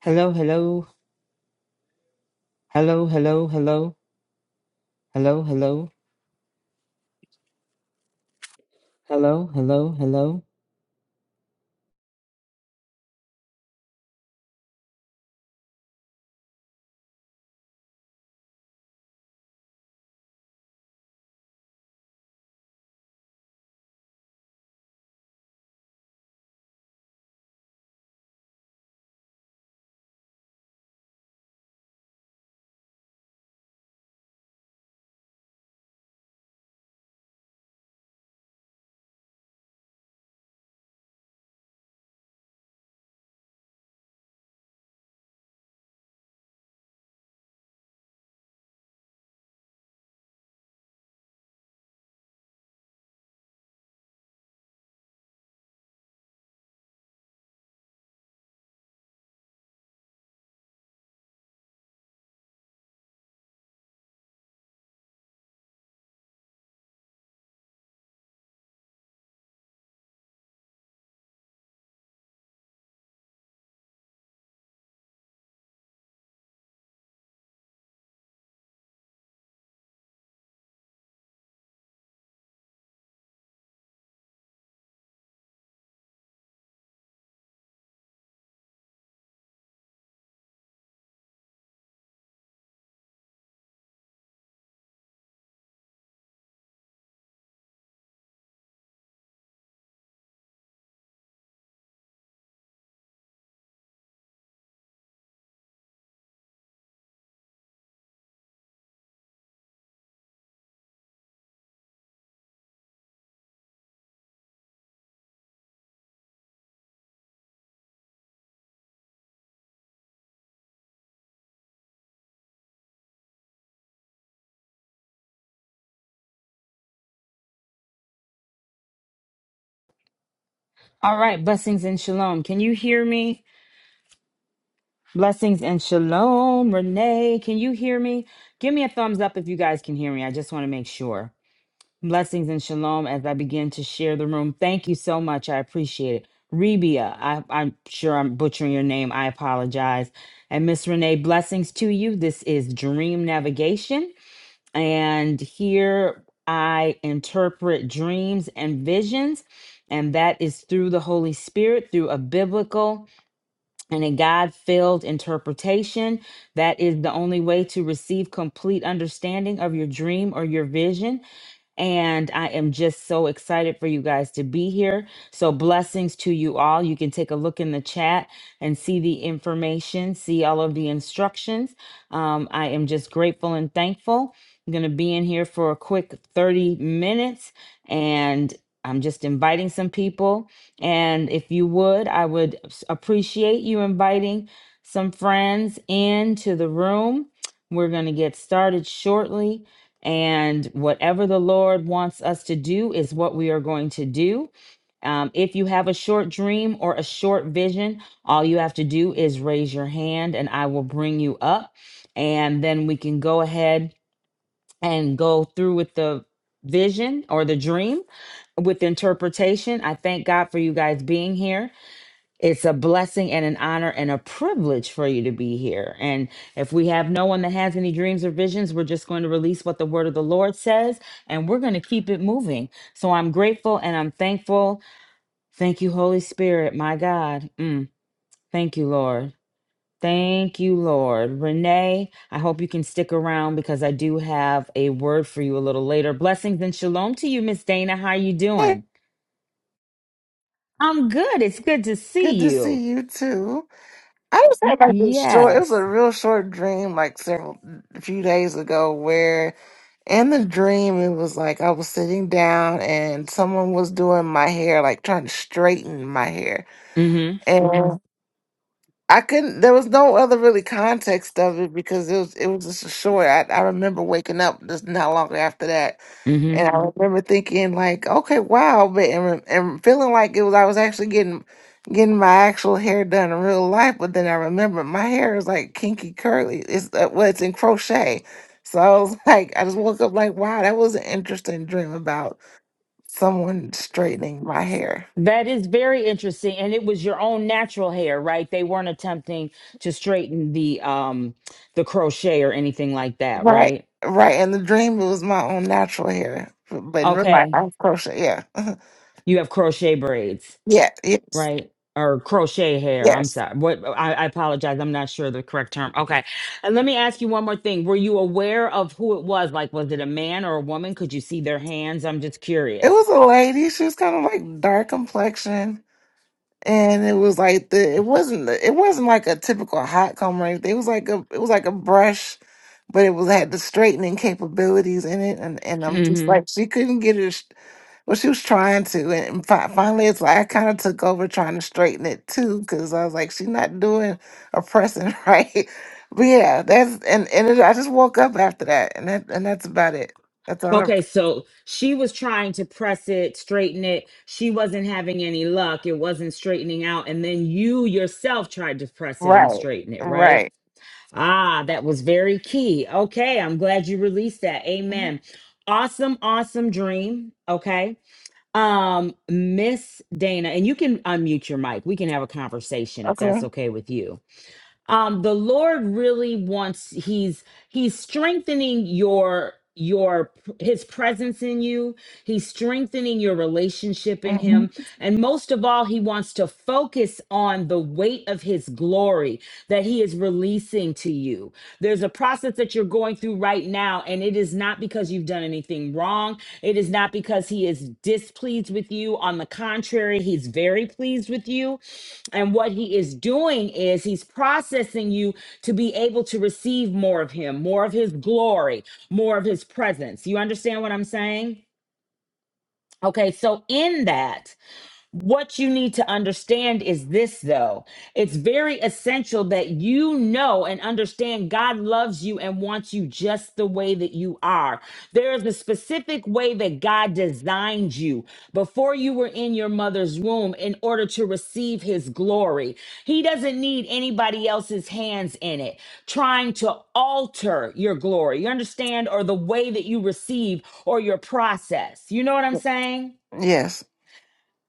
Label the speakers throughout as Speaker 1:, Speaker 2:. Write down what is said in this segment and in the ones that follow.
Speaker 1: Hello, hello, hello, hello, hello, hello, hello, hello, hello, hello. All right, blessings and shalom. Can you hear me? Blessings and shalom, Renee. Can you hear me? Give me a thumbs up if you guys can hear me. I just want to make sure. Blessings and shalom as I begin to share the room. Thank you so much. I appreciate it. Rebia, I, I'm sure I'm butchering your name. I apologize. And Miss Renee, blessings to you. This is Dream Navigation. And here I interpret dreams and visions, and that is through the Holy Spirit, through a biblical and a God filled interpretation. That is the only way to receive complete understanding of your dream or your vision. And I am just so excited for you guys to be here. So, blessings to you all. You can take a look in the chat and see the information, see all of the instructions. Um, I am just grateful and thankful. I'm going to be in here for a quick 30 minutes and I'm just inviting some people. And if you would, I would s- appreciate you inviting some friends into the room. We're going to get started shortly. And whatever the Lord wants us to do is what we are going to do. Um, if you have a short dream or a short vision, all you have to do is raise your hand and I will bring you up. And then we can go ahead and go through with the vision or the dream with interpretation. I thank God for you guys being here. It's a blessing and an honor and a privilege for you to be here. And if we have no one that has any dreams or visions, we're just going to release what the word of the Lord says and we're going to keep it moving. So I'm grateful and I'm thankful. Thank you, Holy Spirit, my God. Mm, thank you, Lord. Thank you, Lord. Renee, I hope you can stick around because I do have a word for you a little later. Blessings and shalom to you, Miss Dana. How are you
Speaker 2: Hey,
Speaker 1: doing? I'm good. It's good to see
Speaker 2: good to
Speaker 1: you.
Speaker 2: see you too. I just had like this short. It was a
Speaker 1: Yes.
Speaker 2: real short dream, like several a few days ago, where in the dream it was like I was sitting down and someone was doing my hair, like trying to straighten my hair,
Speaker 1: Mm-hmm.
Speaker 2: and I couldn't. There was no other really context of it because it was it was just a short. I, I remember waking up just not long after that,
Speaker 1: Mm-hmm.
Speaker 2: and I Mhm. remember thinking like, okay, wow, but and, re- and feeling like it was I was actually getting getting my actual hair done in real life. But then I remember my hair is like kinky curly. It's uh, well, it's in crochet. So I was like, I just woke up like, wow, that was an interesting dream about someone straightening my hair.
Speaker 1: That is very interesting. And it was your own natural hair, right? They weren't attempting to straighten the um the crochet or anything like that,
Speaker 2: Right,
Speaker 1: right?
Speaker 2: right. and the dream, it was my own natural hair, but in real life,
Speaker 1: Okay.
Speaker 2: I was crochet. Yeah,
Speaker 1: You have crochet braids,
Speaker 2: yeah, yes,
Speaker 1: right? Or crochet hair. I'm
Speaker 2: yes.
Speaker 1: sorry. What I, I apologize. I'm not sure the correct term. Okay. And let me ask you one more thing. Were you aware of who it was? Like, was it a man or a woman? Could you see their hands? I'm just
Speaker 2: It
Speaker 1: curious.
Speaker 2: was a lady. She was kind of like dark complexion, and it was like the it wasn't the, it wasn't like a typical hot comb or anything. It was like a it was like a brush, but it was had the straightening capabilities in it, and and I'm just like she couldn't get it. Well, she was trying to, and fi- finally, it's like I kind of took over trying to straighten it too, because I was like, she's not doing or pressing right. But yeah, that's and and it, I just woke up after that, and that and that's about it. That's all. I,
Speaker 1: Okay, so she was trying to press it, straighten it. She wasn't having any luck. It wasn't straightening out. And then you yourself tried to press it and
Speaker 2: right,
Speaker 1: straighten it, right?
Speaker 2: right.
Speaker 1: Ah, that was very key. Okay, I'm glad you released that.
Speaker 2: Mhm.
Speaker 1: Amen. Awesome, awesome dream. Okay. Um, Miss Dana, and you can unmute your mic. We can have a conversation if that's
Speaker 2: Okay.
Speaker 1: okay with you um the lord really wants he's he's strengthening your your his presence in you he's strengthening your relationship in
Speaker 2: Mhm.
Speaker 1: him and most of all he wants to focus on the weight of his glory that he is releasing to you there's a process that you're going through right now and it is not not because you've done anything wrong. It is not because he is displeased with you. On the contrary, he's very pleased with you. And what he is doing is he's processing you to be able to receive more of him, more of his glory, more of his presence. You understand what I'm saying? Okay, so in that, what you need to understand is this, though. It's very essential that you know and understand God loves you and wants you just the way that you are. There is a specific way that God designed you before you were in your mother's womb in order to receive his glory. He doesn't need anybody else's hands in it trying to alter your glory. You understand? Or the way that you receive or your process. You know what I'm saying?
Speaker 2: Yes.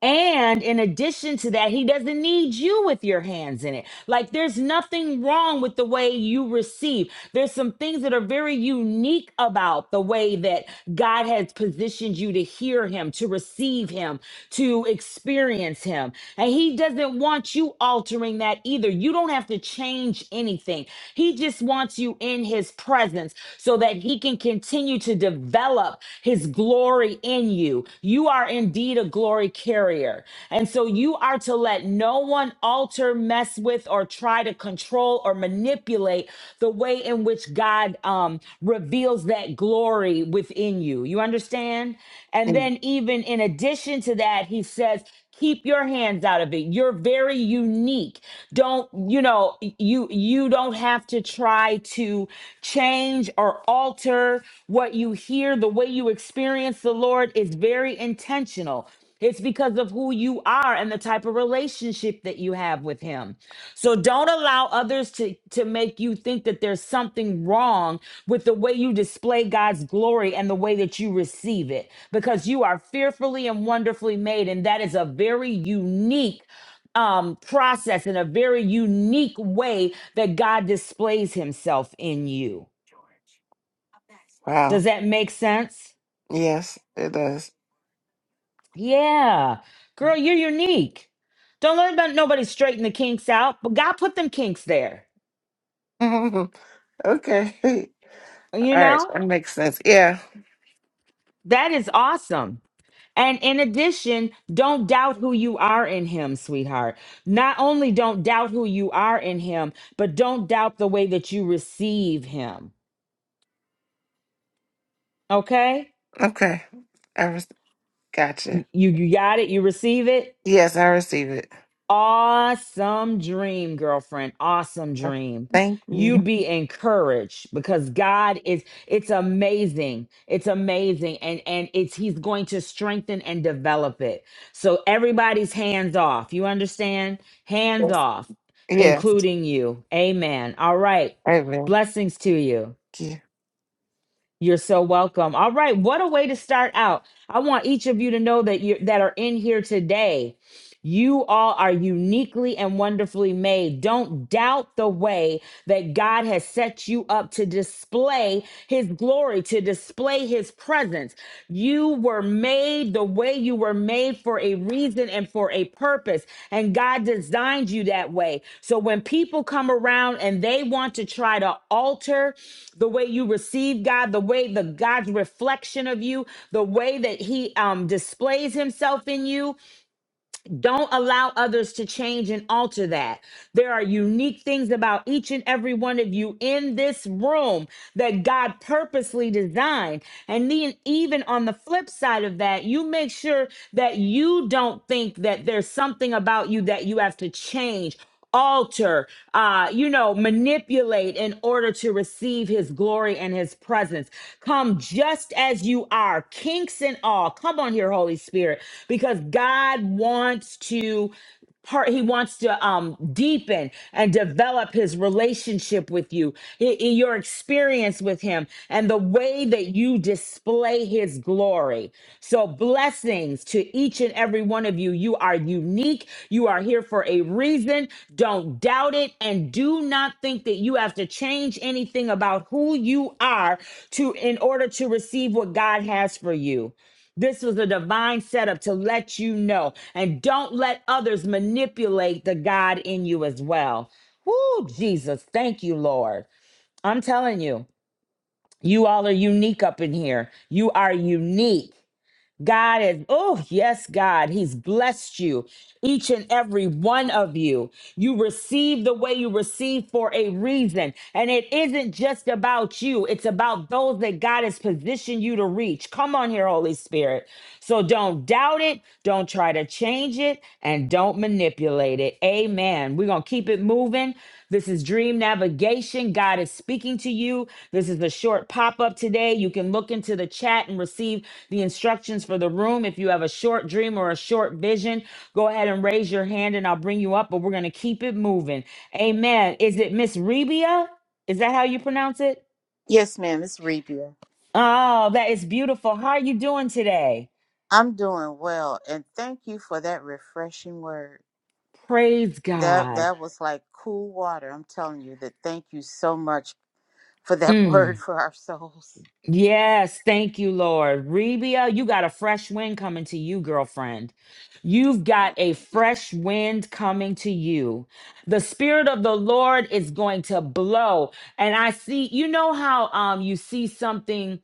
Speaker 1: And in addition to that, he doesn't need you with your hands in it. Like there's nothing wrong with the way you receive. There's some things that are very unique about the way that God has positioned you to hear him, to receive him, to experience him. And he doesn't want you altering that either. You don't have to change anything. He just wants you in his presence so that he can continue to develop his glory in you. You are indeed a glory carrier. And so you are to let no one alter, mess with, or try to control or manipulate the way in which God um, reveals that glory within you. You understand? And
Speaker 2: Mm.
Speaker 1: then, even in addition to that, he says, keep your hands out of it you're very unique don't you know you you don't have to try to change or alter what you hear the way you experience the lord is very intentional it's because of who you are and the type of relationship that you have with him so don't allow others to to make you think that there's something wrong with the way you display god's glory and the way that you receive it because you are fearfully and wonderfully made. And that is a very unique um, process and a very unique way that God displays himself in you.
Speaker 2: Wow.
Speaker 1: Does that make sense?
Speaker 2: Yes, it does.
Speaker 1: Yeah. Girl, you're unique. Don't let about nobody straighten the kinks out, but God put them kinks there.
Speaker 2: okay.
Speaker 1: You
Speaker 2: All right.
Speaker 1: know?
Speaker 2: That makes sense. Yeah.
Speaker 1: That is awesome. And in addition, don't doubt who you are in him, sweetheart. Not only don't doubt who you are in him, but don't doubt the way that you receive him. Okay?
Speaker 2: Okay. I re-
Speaker 1: Y-
Speaker 2: gotcha.
Speaker 1: You you got it? You receive it?
Speaker 2: Yes, I receive it.
Speaker 1: Awesome dream, girlfriend. Awesome
Speaker 2: Uh,
Speaker 1: dream.
Speaker 2: Thank
Speaker 1: You
Speaker 2: you.
Speaker 1: be encouraged because God is it's amazing. It's amazing and and it's he's going to strengthen and develop it. So everybody's hands off. You understand? Hands
Speaker 2: Yes.
Speaker 1: off,
Speaker 2: Yes.
Speaker 1: including you. Amen. All right.
Speaker 2: Amen.
Speaker 1: Blessings to you.
Speaker 2: Thank you.
Speaker 1: You're so welcome. All right, what a way to start out. I want each of you to know that you that are in here today you all are uniquely and wonderfully made. Don't doubt the way that God has set you up to display his glory, to display his presence. You were made the way you were made for a reason and for a purpose, and God designed you that way. So when people come around and they want to try to alter the way you receive God, the way the God's reflection of you, the way that he um, displays himself in you, don't allow others to change and alter that. There are unique things about each and every one of you in this room that God purposely designed. And then, even on the flip side of that, you make sure that you don't think that there's something about you that you have to change alter, uh, you know, manipulate in order to receive his glory and his presence. Come just as you are, kinks and all. Come on here, Holy Spirit, because God wants to part he wants to um deepen and develop his relationship with you He- he- your experience with him and the way that you display his glory. So, blessings to each and every one of you. You are unique. You are here for a reason. Don't doubt it. And do not think that you have to change anything about who you are to in order to receive what God has for you. This was a divine setup to let you know. And don't let others manipulate the God in you as well. Woo, Jesus. Thank you, Lord. I'm telling you. You all are unique up in here. You are unique. God is, oh, yes, God, He's blessed you, each and every one of you. You receive the way you receive for a reason. And it isn't just about you, it's about those that God has positioned you to reach. Come on here, Holy Spirit. So don't doubt it, don't try to change it, and don't manipulate it. Amen. We're going to keep it moving. This is dream navigation. God is speaking to you. This is a short pop up today. You can look into the chat and receive the instructions for the room. If you have a short dream or a short vision, go ahead and raise your hand and I'll bring you up, but we're going to keep it moving. Amen. Is it Miss Rebia? Is that how you pronounce it?
Speaker 3: Yes, ma'am, it's Rebia.
Speaker 1: Oh, that is beautiful. How are you doing today?
Speaker 3: I'm doing well, and thank you for that refreshing word.
Speaker 1: Praise
Speaker 3: That
Speaker 1: God.
Speaker 3: that was like cool water. I'm telling you that. Thank you so much for that
Speaker 1: Mm.
Speaker 3: word for our souls.
Speaker 1: Yes, thank you, Lord. Rebia, you got a fresh wind coming to you, girlfriend. You've got a fresh wind coming to you. The spirit of the Lord is going to blow. And I see, you know how um you see something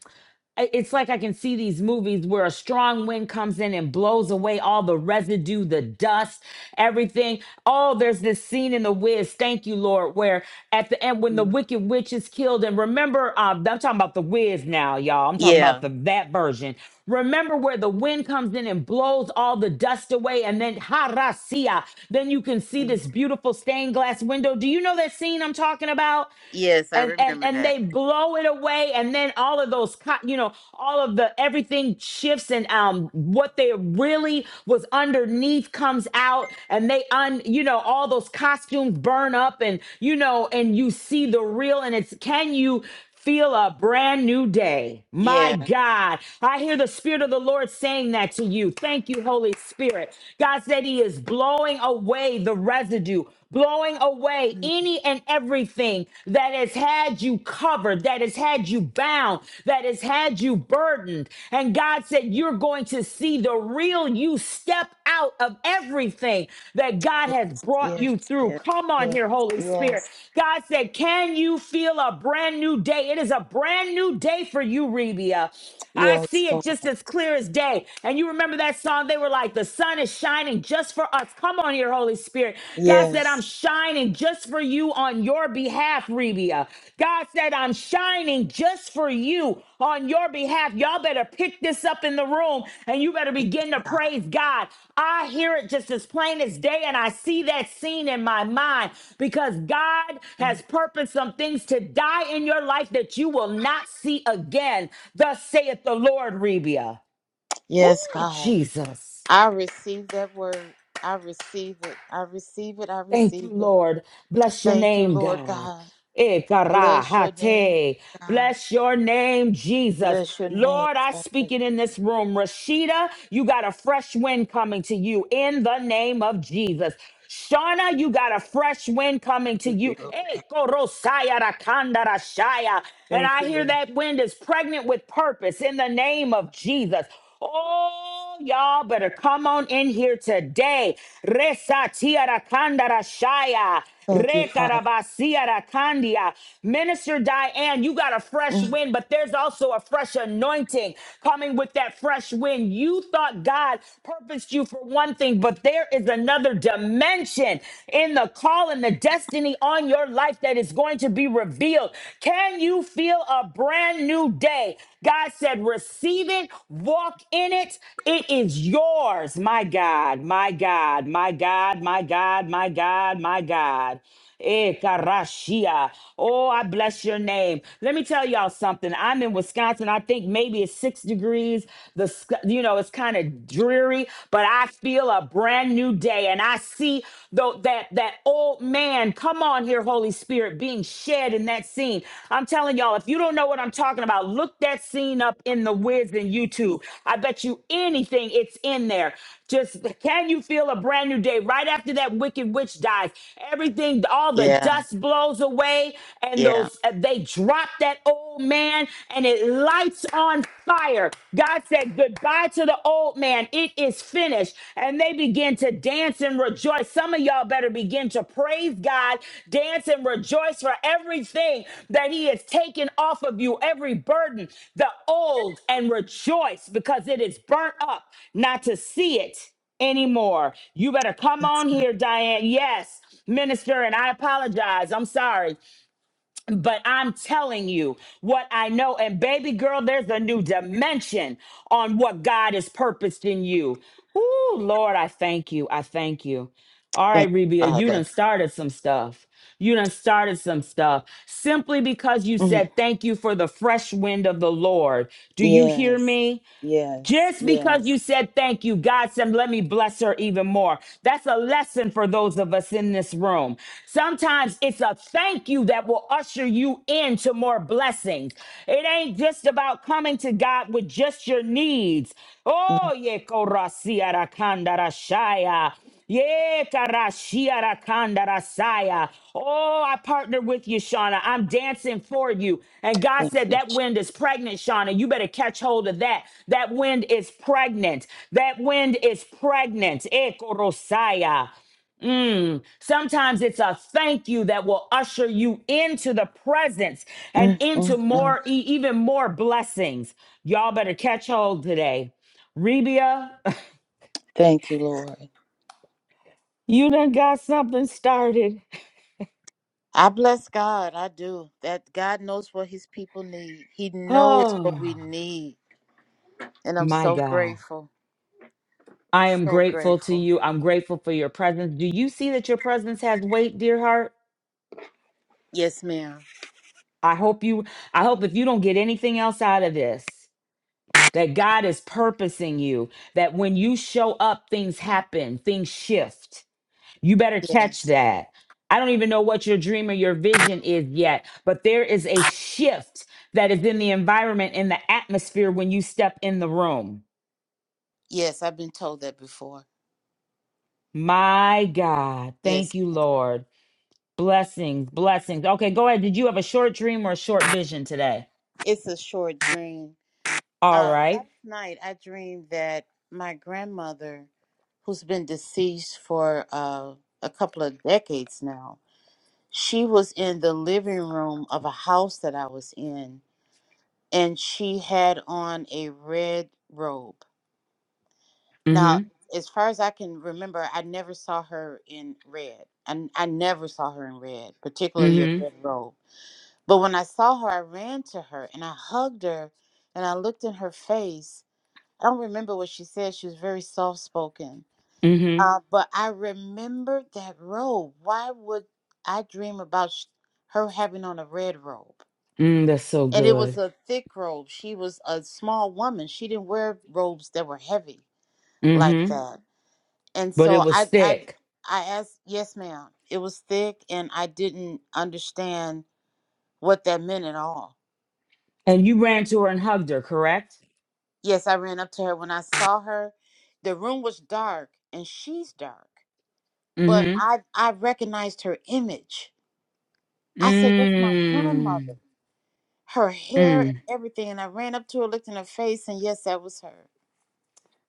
Speaker 1: I- it's like I can see these movies where a strong wind comes in and blows away all the residue, the dust, everything. Oh, there's this scene in The Wiz, thank you, Lord, where at the end when the
Speaker 3: Mm.
Speaker 1: wicked witch is killed, and remember, uh, I'm talking about The Wiz now, y'all. I'm talking about
Speaker 3: Yeah.
Speaker 1: the that version. Remember where the wind comes in and blows all the dust away, and then harasia. Then you can see
Speaker 3: Mm.
Speaker 1: this beautiful stained glass window. Do you know that scene I'm talking about?
Speaker 3: Yes, I
Speaker 1: and and
Speaker 3: remember
Speaker 1: and
Speaker 3: that.
Speaker 1: they blow it away and then all of those co- you know all of the everything shifts and um what they really was underneath comes out and they un you know all those costumes burn up and you know and you see the real and it's can you Feel a brand new day. My
Speaker 3: Yeah.
Speaker 1: God. I hear the Spirit of the Lord saying that to you. Thank you, Holy Spirit. God said He is blowing away the residue blowing away
Speaker 3: Mm.
Speaker 1: any and everything that has had you covered, that has had you bound, that has had you burdened. And God said, You're going to see the real you step out of everything that God has brought
Speaker 3: Yes.
Speaker 1: you through.
Speaker 3: Yes.
Speaker 1: Come on
Speaker 3: Yes.
Speaker 1: here, Holy Spirit.
Speaker 3: Yes.
Speaker 1: God said, Can you feel a brand new day? It is a brand new day for you, Rebia.
Speaker 3: Yes.
Speaker 1: I
Speaker 3: Yes.
Speaker 1: see it
Speaker 3: God.
Speaker 1: just as clear as day. And you remember that song? They were like, the sun is shining just for us. Come on here, Holy Spirit. God said, I'm
Speaker 3: Yes.
Speaker 1: shining just for you on your behalf, Rebia. God said, I'm shining just for you on your behalf. Y'all better pick this up in the room and you better begin to
Speaker 3: God.
Speaker 1: praise God. I hear it just as plain as day, and I see that scene in my mind because God
Speaker 3: Mm.
Speaker 1: has purposed some things to die in your life that you will not see again. Thus saith the Lord, Rebia.
Speaker 3: Yes,
Speaker 1: Ooh,
Speaker 3: God.
Speaker 1: Jesus.
Speaker 3: I receive that word. I receive it. I receive it. I
Speaker 1: Thank
Speaker 3: receive
Speaker 1: you,
Speaker 3: it.
Speaker 1: Lord. Bless your
Speaker 3: Thank you,
Speaker 1: name,
Speaker 3: Lord
Speaker 1: God.
Speaker 3: God.
Speaker 1: Ekarahate.
Speaker 3: Bless your name, God.
Speaker 1: Bless your name, Jesus.
Speaker 3: Bless your name,
Speaker 1: Lord, I
Speaker 3: Father.
Speaker 1: speak it in this room. Rashida, you got a fresh wind coming to you in the name of Jesus. Shauna, you got a fresh wind coming to
Speaker 3: Thank you,
Speaker 1: you.
Speaker 3: Lord
Speaker 1: Eh,
Speaker 3: God.
Speaker 1: korosaya rakanda rashaya. And
Speaker 3: Thank
Speaker 1: I
Speaker 3: you,
Speaker 1: hear
Speaker 3: Lord.
Speaker 1: that wind is pregnant with purpose in the name of Jesus. Oh, Oh, Y'all better come on in here today. Resa tiara kandara shaya.
Speaker 3: Thank you, Father.
Speaker 1: Rekarabasiara kandia. Minister Diane, you got a fresh
Speaker 3: Mm.
Speaker 1: wind, but there's also a fresh anointing coming with that fresh wind. You thought God purposed you for one thing, but there is another dimension in the call and the destiny on your life that is going to be revealed. Can brand new feel, a brand new day. God said, receive it, walk in it. It is yours. My God, my God, my God, my God, my God, my God. Eh, Karashia. Oh, I bless your name. Let me tell y'all something. I'm in Wisconsin. I think maybe it's six degrees. The sc- you know it's kind of dreary, but I feel a brand new day, and I see see though that that old man come on here holy spirit being shed in that scene i'm telling y'all if you don't know what i'm talking about look that scene up in the wiz and youtube i bet you anything it's in there just can you feel a brand new day right after that wicked witch dies everything all the
Speaker 3: Yeah,
Speaker 1: dust blows away and
Speaker 3: yeah.
Speaker 1: those uh, they drop that old man and it lights on fire. God said goodbye to the old man. It is finished. And they begin to dance and rejoice. Some of y'all better begin to praise God, dance and rejoice for everything that He has taken off of you, every burden, the old, and rejoice because it is burnt up not to see it anymore. You better come on here, Diane. Yes, minister, and I apologize. I'm sorry. But I'm telling you what I know. And baby girl, there's a new dimension on what God has purposed in you. Ooh, Lord, I thank you. I thank you. All
Speaker 3: Thank
Speaker 1: right,
Speaker 3: you,
Speaker 1: Rebia, you
Speaker 3: Father.
Speaker 1: done started some stuff. You done started some stuff simply because you
Speaker 3: Mm.
Speaker 1: said thank you for the fresh wind of the Lord. Do you hear
Speaker 3: Yes,
Speaker 1: me?
Speaker 3: yes,
Speaker 1: Just because
Speaker 3: yes.
Speaker 1: you said thank you, God said, let me bless her even more. That's a lesson for those of us in this room. Sometimes it's a thank you that will usher you into more blessings. It ain't just about coming to God with just your needs.
Speaker 3: Mm.
Speaker 1: Oh, yeah, yeah, karashia rakanda rasaya. Oh, I partner with you, Shauna. I'm dancing for you. And God
Speaker 3: Thank
Speaker 1: said,
Speaker 3: you.
Speaker 1: That wind is pregnant, Shauna. You better catch hold of that. That wind is pregnant. That wind is pregnant. Ekorosaya. Mm. Sometimes it's a thank you that will usher you into the presence and
Speaker 3: Mm,
Speaker 1: into
Speaker 3: mm, mm.
Speaker 1: more, e- even more blessings. Y'all better catch hold today. Rebia,
Speaker 3: Thank you, Lord.
Speaker 1: you done got something started.
Speaker 3: I bless God. I do. That God knows what his people need. He knows what we
Speaker 1: Oh,
Speaker 3: need. And I'm
Speaker 1: my
Speaker 3: so
Speaker 1: God.
Speaker 3: grateful.
Speaker 1: I am
Speaker 3: So
Speaker 1: grateful to
Speaker 3: grateful.
Speaker 1: you. I'm grateful for your presence. Do you see that your presence has weight, dear heart?
Speaker 3: Yes, ma'am.
Speaker 1: I hope you, I hope if you don't get anything else out of this, that God is purposing you, that when you show up, things happen, things shift. You better catch
Speaker 3: Yes.
Speaker 1: that. I don't even know what your dream or your vision is yet, but there is a shift that is in the environment, in the atmosphere when you step in the room.
Speaker 3: Yes, I've been told that before.
Speaker 1: My God.
Speaker 3: Yes.
Speaker 1: Thank you, Lord. Blessings, blessings. Okay, go ahead. Did you have a short dream or a short vision today?
Speaker 3: It's a short dream.
Speaker 1: All
Speaker 3: Uh, last
Speaker 1: right.
Speaker 3: night I dreamed that my grandmother, who's been deceased for uh, a couple of decades now, she was in the living room of a house that I was in, and she had on a red robe. Now,
Speaker 1: Mm-hmm.
Speaker 3: as far as I can remember, I never saw her in red. And I, never saw her in red, particularly a red
Speaker 1: Mm-hmm.
Speaker 3: robe. But when I saw her, I ran to her and I hugged her and I looked in her face I don't remember what she said. She was very soft spoken.
Speaker 1: Mm-hmm.
Speaker 3: Uh, but I remembered that robe. Why would I dream about sh- her having on a red robe?
Speaker 1: Mm, that's so
Speaker 3: And it was
Speaker 1: good.
Speaker 3: a thick robe. She was a small woman. She didn't wear robes that were heavy like
Speaker 1: Mm-hmm.
Speaker 3: that. And
Speaker 1: But it
Speaker 3: so
Speaker 1: was
Speaker 3: I, I,
Speaker 1: thick.
Speaker 3: I asked, yes, ma'am. It was thick, and I didn't understand what that meant at all.
Speaker 1: And you ran to her and hugged her, correct?
Speaker 3: Yes, I ran up to her when I saw her. The room was dark, and she's dark. but
Speaker 1: Mm-hmm.
Speaker 3: I I recognized her image. I said, "That's my grandmother."
Speaker 1: Mm.
Speaker 3: Her hair and
Speaker 1: Mm.
Speaker 3: everything, and I ran up to her, looked in her face, and yes, that was her.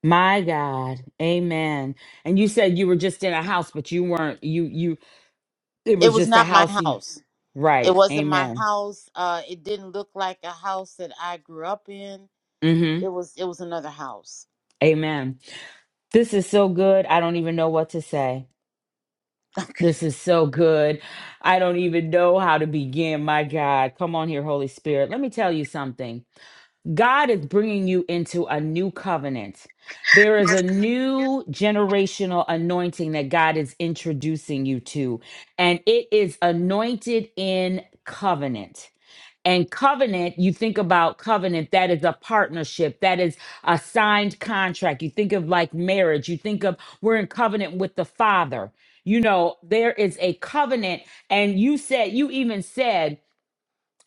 Speaker 1: My God. Amen. And you said you were just in a house, but you weren't you you it
Speaker 3: It
Speaker 1: was
Speaker 3: was
Speaker 1: just a
Speaker 3: not my
Speaker 1: house you
Speaker 3: house. It
Speaker 1: right.
Speaker 3: wasn't my
Speaker 1: Amen.
Speaker 3: house. Uh, it didn't look like a house that I grew up in.
Speaker 1: Mm-hmm.
Speaker 3: It was it was another house.
Speaker 1: Amen. This is so good. I don't even know what to say.
Speaker 3: Okay.
Speaker 1: This is so good. I don't even know how to begin. My God, come on here, Holy Spirit. Let me tell you something. God is bringing you into a new covenant. There is a new generational anointing that God is introducing you to, and it is anointed in covenant. And covenant, you think about covenant, that is a partnership, that is a signed contract. You think of like marriage, you think of we're in covenant with the Father. You know, there is a covenant. And you said, you even said,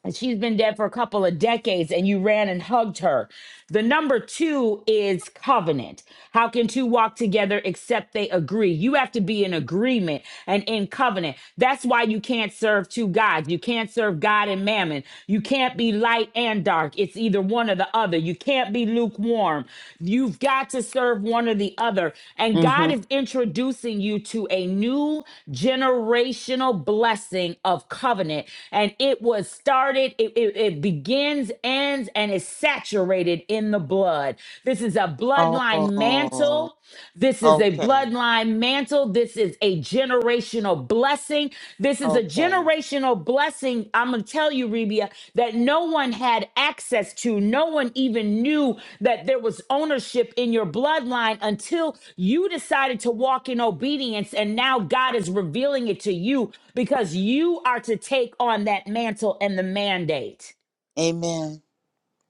Speaker 1: and she's been dead for a couple of decades and you ran and hugged her. The number two is covenant. How can two walk together except they agree? You have to be in agreement and in covenant. That's why you can't serve two gods. You can't serve God and mammon. You can't be light and dark. It's either one or the other. You can't be lukewarm. You. You've got to serve one or the other. And
Speaker 3: mm-hmm.
Speaker 1: God is introducing you to a new generational blessing of covenant. And it was started, it, it, it begins, ends, and is saturated in the blood. This is a bloodline
Speaker 3: Oh,
Speaker 1: mantle. This is a
Speaker 3: okay,
Speaker 1: bloodline mantle. This is a generational generational blessing. This is a
Speaker 3: okay.
Speaker 1: generational blessing. I'm going to tell you, Rebia, that no one had access to. No one even knew that there was ownership in your bloodline until you decided to walk in obedience. And now God is revealing it to you because you are to take on that mantle and the mandate
Speaker 3: Amen.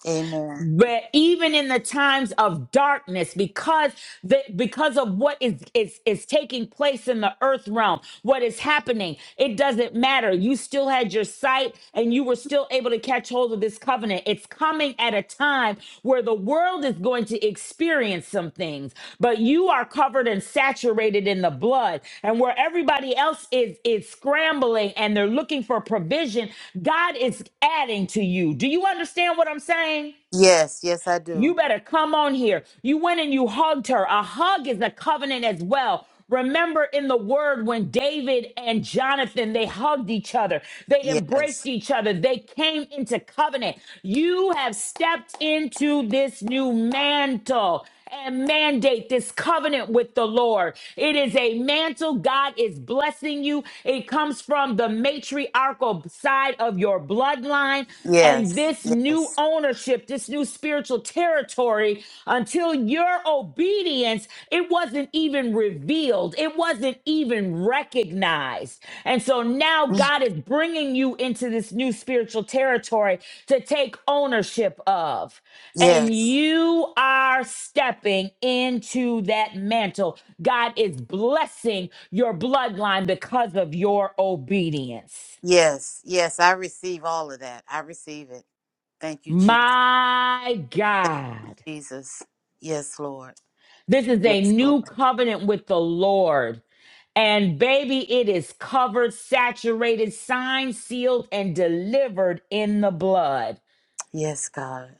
Speaker 3: Amen.
Speaker 1: but even in the times of darkness because the because of what is is is taking place in the earth realm what is happening it doesn't matter you still had your sight and you were still able to catch hold of this covenant it's coming at a time where the world is going to experience some things but you are covered and saturated in the blood and where everybody else is is scrambling and they're looking for provision god is adding to you do you understand what i'm saying
Speaker 3: Yes, yes, I do.
Speaker 1: you better come on here. You went and you hugged her. A hug is a covenant as well. Remember in the word when David and Jonathan, they hugged each other. They
Speaker 3: Yes,
Speaker 1: embraced each other. They came into covenant. You have stepped into this new mantle and mandate this covenant with the Lord. It is a mantle. God is blessing you. It comes from the matriarchal side of your bloodline. And
Speaker 3: yes,
Speaker 1: this new
Speaker 3: yes,
Speaker 1: ownership, this new spiritual territory, until your obedience, it wasn't even revealed, it wasn't even recognized. And so now
Speaker 3: Mm,
Speaker 1: God is bringing you into this new spiritual territory to take ownership of and
Speaker 3: yes.
Speaker 1: you are stepping into that mantle. God is blessing your bloodline because of your obedience.
Speaker 3: Yes, yes, I receive all of that. I receive it. Thank you, Jesus.
Speaker 1: My
Speaker 3: Thank you,
Speaker 1: God.
Speaker 3: Jesus. Yes, Lord.
Speaker 1: This is a
Speaker 3: Yes, Lord.
Speaker 1: new covenant with the Lord. And baby, it is covered, saturated, signed, sealed, and delivered in the blood.
Speaker 3: Yes, God.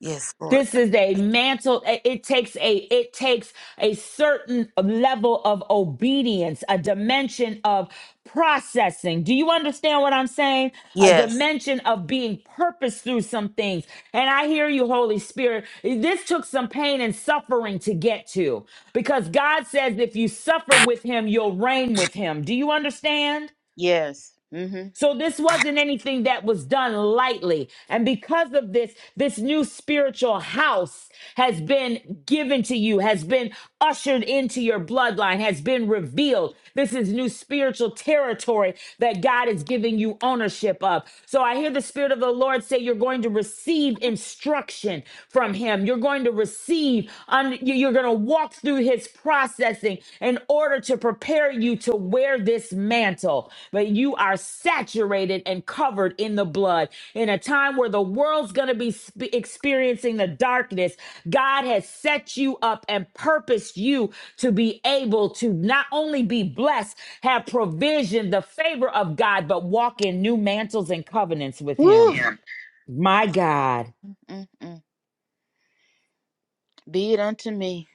Speaker 3: Yes, Lord.
Speaker 1: this is a mantle it takes a it takes a certain level of obedience a dimension of processing do you understand what i'm saying a
Speaker 3: Yes,
Speaker 1: dimension of being purpose through some things and i hear you holy spirit this took some pain and suffering to get to because god says if you suffer with him you'll reign with him do you understand
Speaker 3: yes. Mm-hmm.
Speaker 1: so this wasn't anything that was done lightly. And because of this, this new spiritual house has been given to you, has been ushered into your bloodline, has been revealed. This is new spiritual territory that God is giving you ownership of. So I hear the Spirit of the Lord say you're going to receive instruction from Him. You're. You're going to receive, un- you- are going to walk through his processing in order to prepare you to wear this mantle. But you are saturated and covered in the blood. In a time where the world's going to be sp- experiencing the darkness, God has set you up and purposed you to be able to not only be blessed, have provision, the favor of God, but walk in new mantles and covenants with
Speaker 3: Woo.
Speaker 1: him.
Speaker 3: Yeah.
Speaker 1: My God.
Speaker 3: Mm-mm. Be it unto me.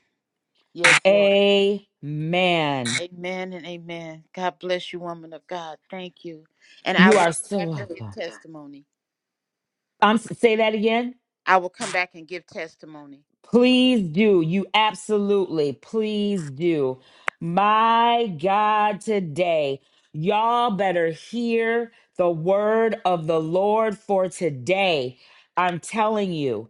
Speaker 3: Yes, Lord.
Speaker 1: Amen.
Speaker 3: Amen and amen. God bless you, woman of God. Thank you. And I
Speaker 1: You
Speaker 3: will
Speaker 1: are
Speaker 3: come
Speaker 1: so
Speaker 3: back and give
Speaker 1: welcome.
Speaker 3: testimony.
Speaker 1: Um, s- say that again.
Speaker 3: I will come back and give testimony.
Speaker 1: Please do. You absolutely, please do. My God, today, y'all better hear the word of the Lord for today. I'm telling you,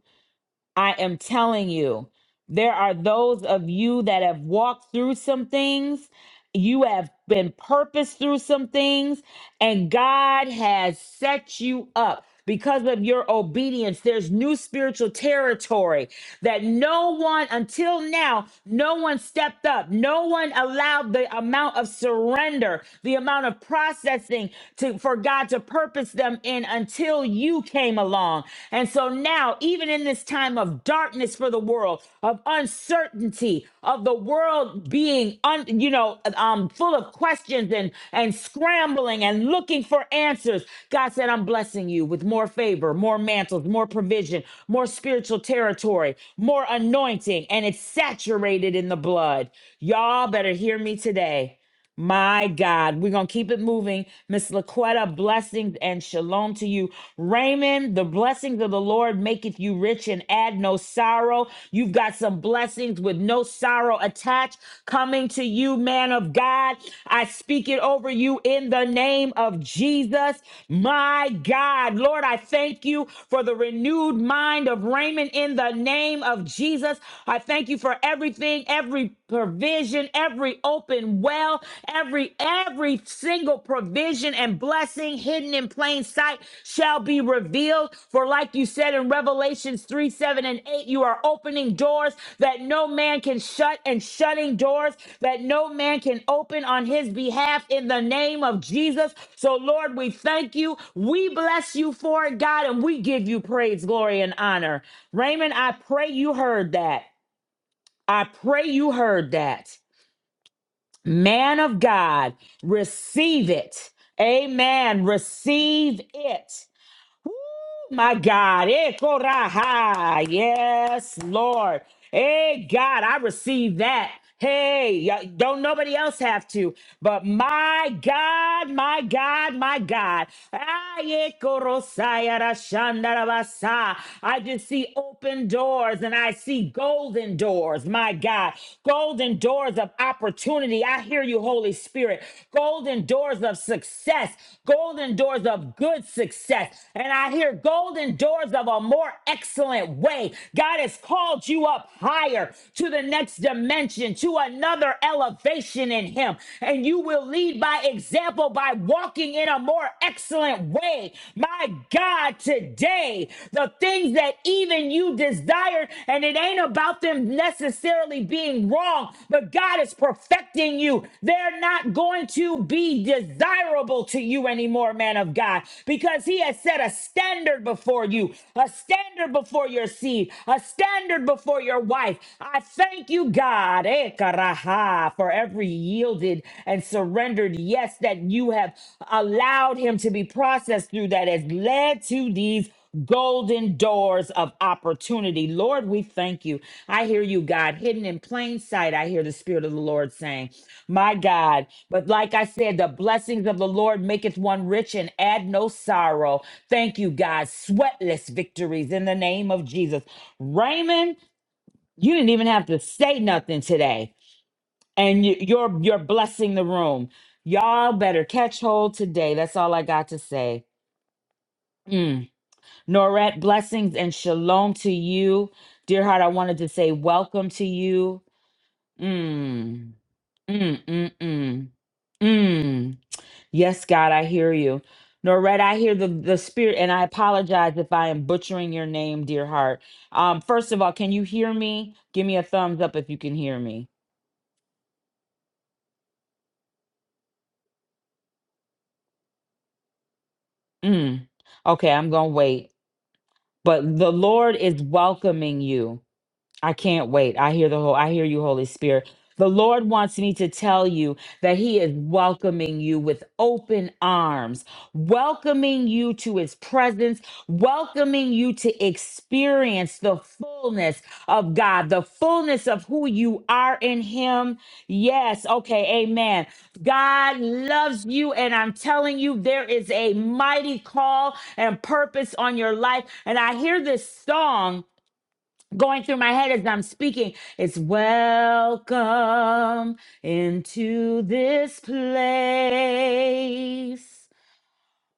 Speaker 1: I am telling you, there are those of you that have walked through some things. You have been purposed through some things, and God has set you up. Because of your obedience, there's new spiritual territory that no one, until now, no one stepped up. No one allowed the amount of surrender, the amount of processing to, for God to purpose them in until you came along. And so now, even in this time of darkness for the world, world of uncertainty, of the world being, un, you know, um, full of questions and and scrambling and looking for answers. God said, "I'm blessing you with more favor, more mantles, more provision, more spiritual territory, more anointing, and it's saturated in the blood." Y'all better hear me today. My God, we're going to keep it moving. Miss Laquetta, blessings and shalom to you. Raymond, the blessings of the Lord maketh you rich and add no sorrow. You've got some blessings with no sorrow attached coming to you, man of God. I speak it over you in the name of Jesus. My God, Lord, I thank you for the renewed mind of Raymond in the name of Jesus. I thank you for everything, every provision provision, every open well, every every single provision and blessing hidden in plain sight shall be revealed. For like you said in Revelations 3, 7, and 8, you are opening doors that no man can shut and shutting doors that no man can open on his behalf in the name of Jesus. So Lord, we thank you. We bless you for it, God, and we give you praise, glory, and honor. Raymond, I pray you heard that. I pray you heard that. Man of God, receive it. Amen. Receive it. Woo, my God. Eh, koraha. Yes, Lord. Hey, God, I receive that. Hey, y- don't nobody else have to, but my God, my God, my God. Aye, korosaya rashandarabasa. I just see open doors and I see golden doors, my God. Golden doors of opportunity. I hear you, Holy Spirit. Golden doors of success, golden doors of good success and I hear golden doors of a more excellent way. God has called you up higher to the next dimension, to another elevation in Him, and you will lead by example by walking in a more excellent way. My God, today, the things that even you desired, and it ain't about them necessarily being wrong, but God is perfecting you. They're not going to be desirable to you anymore, man of God, because He has set a standard before you, a standard before your seed, a standard before your wife. I thank you, God, eh, karaha, for every yielded and surrendered yes that you have allowed him to be processed through that has led to these golden doors of opportunity. Lord, we thank you. I hear you, God, hidden in plain sight. I hear the Spirit of the Lord saying, My God. But like I said, the blessings of the Lord maketh one rich and add no sorrow. Thank you, God. Sweatless victories in the name of Jesus. Raymond, you didn't even have to say nothing today, and you- you're you're blessing the room. Y'all better catch hold today. That's all I got to say. Mm. Norette, blessings and shalom to you, dear heart. I wanted to say welcome to you. Mm. Mm. Mm. Mm. Mm. Yes, God, I hear you. Norette, I hear the, the spirit, and I apologize if I am butchering your name, dear heart. Um, first of all, can you hear me? Give me a thumbs up if you can hear me. Mm. Okay, I'm going to wait. But the Lord is welcoming you. I can't wait. I hear the whole I hear you, Holy Spirit. The Lord wants me to tell you that He is welcoming you with open arms, welcoming you to His presence, welcoming you to experience the fullness of God, the fullness of who you are in Him. Yes, okay, amen. God loves you, and I'm telling you, there is a mighty call and purpose on your life. And I hear this song going through my head as I'm speaking. It's welcome into this place.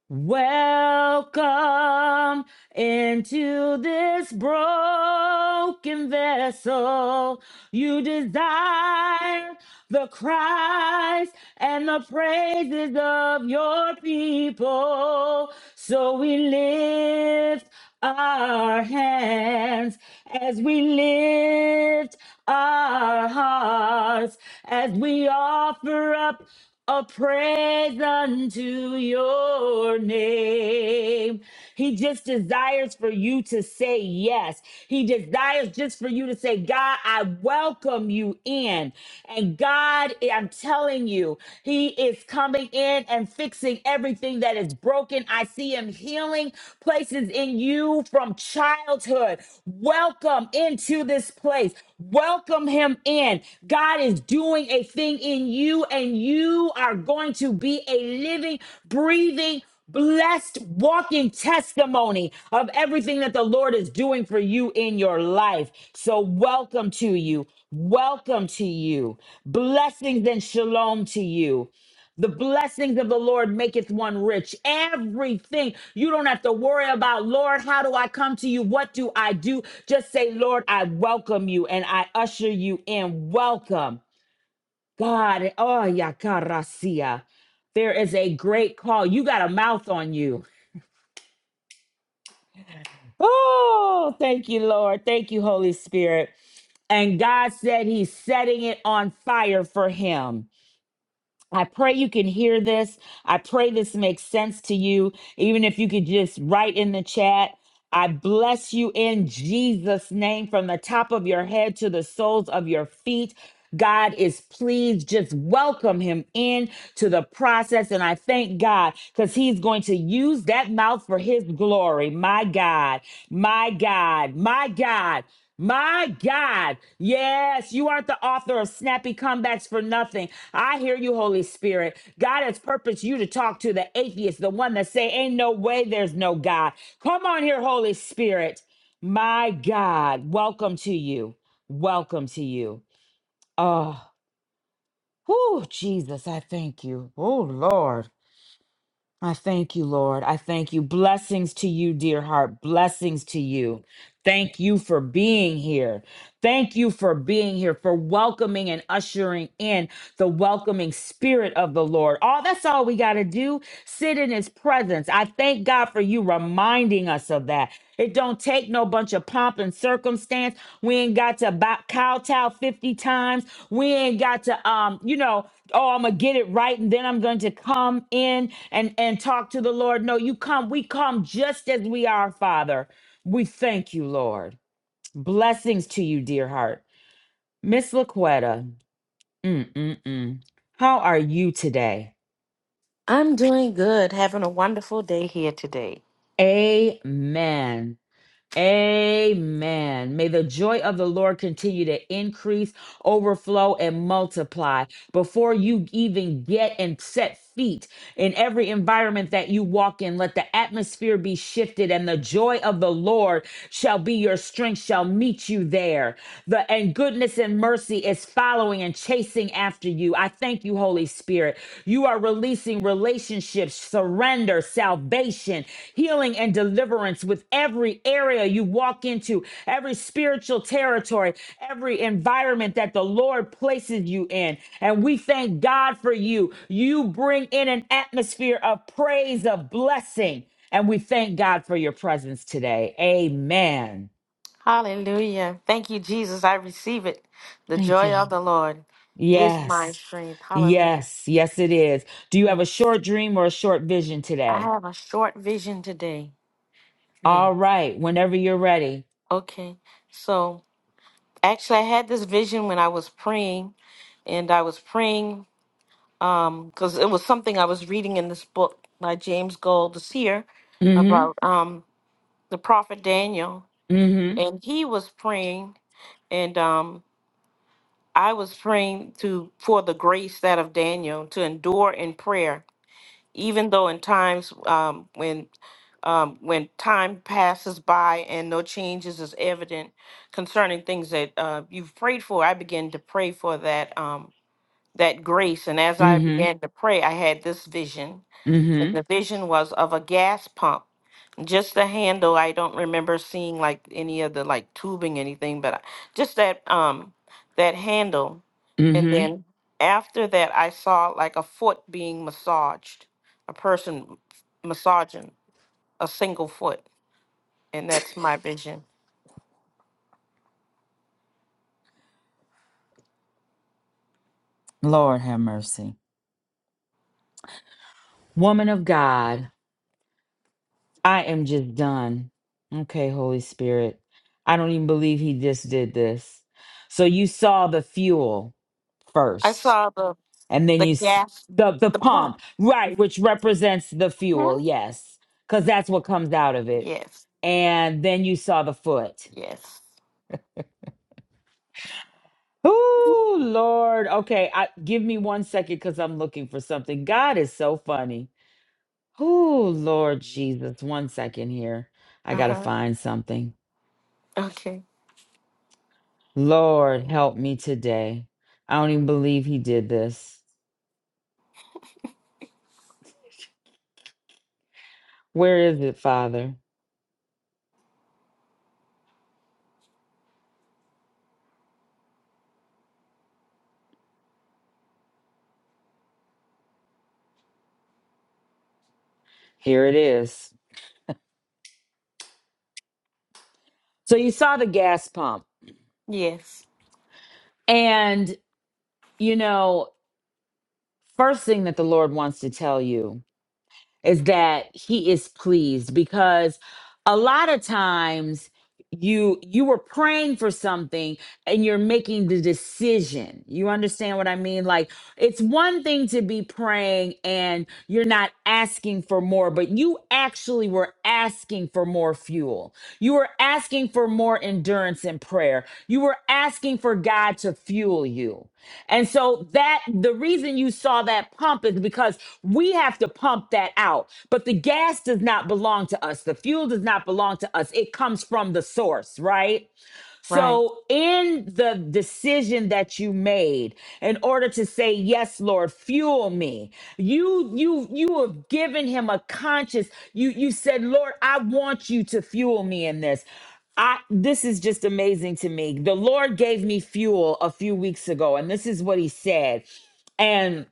Speaker 1: Welcome into this broken vessel. You desire the cries and the praises of your people. So we lift our hands as we lift our hearts, as we offer up a praise unto your name. He just desires for you to say yes. He desires just for you to say, God, I welcome you in. And God, I'm telling you, He is coming in and fixing everything that is broken broken. I see him healing places in you from childhood. Welcome into this place. Welcome him in. God is doing a thing in you, and you are going to be a living, breathing, blessed, walking testimony of everything that the Lord is doing for you in your life. So, welcome to you. Welcome to you. Blessings and shalom to you. The blessings of the Lord maketh one rich. Everything you don't have to worry about, Lord, how do I come to you? What do I do? Just say, Lord, I welcome you and I usher you in. Welcome, God. Oh, yakarasia. There is a great call. You got a mouth on you. Oh, thank you, Lord. Thank you, Holy Spirit. And God said he's setting it on fire for him. I pray you can hear this. I pray this makes sense to you. Even if you could just write in the chat, I bless you in Jesus' name from the top of your head to the soles of your feet. God is pleased. Just welcome him in to the process. And I thank God because he's going to use that mouth for his glory. My God, my God, my God. My God. Yes, you aren't the author of snappy comebacks for nothing. I hear you, Holy Spirit. God has purposed you to talk to the atheist, the one that say, ain't no way there's no God. Come on here, Holy Spirit. My God, welcome to you. Welcome to you. Oh, whew, Jesus, I thank you. Oh, Lord. I thank you, Lord. I thank you. Blessings to you, dear heart. Blessings to you. Thank you for being here. Thank you for being here, for welcoming and ushering in the welcoming spirit of the Lord. All that's all we got to do. Sit in his presence. I thank God for you reminding us of that. It don't take no bunch of pomp and circumstance. We ain't got to bow, kowtow 50 times. We ain't got to, um, you know, oh, I'm gonna get it right, and then I'm going to come in and and talk to the Lord. No, you come. We come just as we are, Father. We thank you, Lord. Blessings to you, dear heart. Miss Laquetta, mm-mm-mm. How are you today?
Speaker 4: I'm doing good, having a wonderful day here today.
Speaker 1: Amen. Amen. May the joy of the Lord continue to increase, overflow, and multiply before you even get and set feet in every environment that you walk in. Let the atmosphere be shifted, and the joy of the Lord shall be your strength, shall meet you there. The and goodness and mercy is following and chasing after you. I thank you, Holy Spirit. You are releasing relationships, surrender surrender, salvation, healing, and deliverance with every area you walk into, every spiritual territory, every environment that the Lord places you in. And we thank God for you. You bring in an atmosphere of praise, of blessing. And we thank God for your presence today. Amen.
Speaker 4: Hallelujah. Thank you, Jesus. I receive it. The
Speaker 1: Thank you,
Speaker 4: joy of
Speaker 1: Lord.
Speaker 4: the Lord is my
Speaker 1: Yes.
Speaker 4: strength. Hallelujah.
Speaker 1: Yes, yes, it is. Do you have a
Speaker 4: Yes.
Speaker 1: short dream or a short vision
Speaker 4: I
Speaker 1: today?
Speaker 4: have a short vision today. Yes.
Speaker 1: All right, whenever you're ready.
Speaker 4: Okay. So actually, I had this vision when I was praying, and I was praying um because it was something I was reading in this book by James Gold, the seer,
Speaker 1: Mm-hmm.
Speaker 4: about um, the prophet Daniel.
Speaker 1: Mhm.
Speaker 4: And he was praying, and. um I was praying to for the grace that of Daniel to endure in prayer, even though in times um, when um, when time passes by and no changes is evident concerning things that uh, you've prayed for. I began to pray for that um, that grace, and as I
Speaker 1: Mhm.
Speaker 4: began to pray, I had this vision, and the
Speaker 1: Mhm.
Speaker 4: vision was of a gas pump just the handle, I don't remember seeing like any of the like tubing, anything, but I- just that um that handle. And
Speaker 1: Mhm.
Speaker 4: then after that, I saw like a foot being massaged, a person massaging a single foot, and that's my vision.
Speaker 1: Lord have mercy. Woman of God, I am just done. Okay, Holy Spirit. I don't even believe he just did this. So you saw the fuel
Speaker 4: I
Speaker 1: first,
Speaker 4: saw the
Speaker 1: and then
Speaker 4: the
Speaker 1: you s-
Speaker 4: gas,
Speaker 1: the the
Speaker 4: the pump.
Speaker 1: pump, right, which represents the fuel,
Speaker 4: Huh?
Speaker 1: yes, cuz that's what comes out of it.
Speaker 4: Yes,
Speaker 1: And then you saw the foot.
Speaker 4: yes.
Speaker 1: Oh, Lord. Okay, I, give me one second cuz I'm looking for something. God is so funny. Oh, Lord Jesus. One second here. I
Speaker 4: Uh
Speaker 1: got to
Speaker 4: huh.
Speaker 1: find something.
Speaker 4: Okay.
Speaker 1: Lord, help me today. I don't even believe he did this. Where is it, Father? Here it is. So you saw the gas pump.
Speaker 4: Yes.
Speaker 1: And, you know, first thing that the Lord wants to tell you is that he is pleased because a lot of times you you were praying for something and you're making the decision you understand what i mean like it's one thing to be praying and you're not asking for more but you actually were asking for more fuel you were asking for more endurance in prayer you were asking for God to fuel you. And so that the reason you saw that pump is because we have to pump that out. But the gas does not belong to us. The fuel does not belong to us. It comes from the source, right?
Speaker 4: Right.
Speaker 1: So, in the decision that you made, in order to say yes, Lord, fuel me, you you you have given him a conscious. You you said, Lord, I want you to fuel me in this. I this is just amazing to me. The Lord gave me fuel a few weeks ago, and this is what He said, and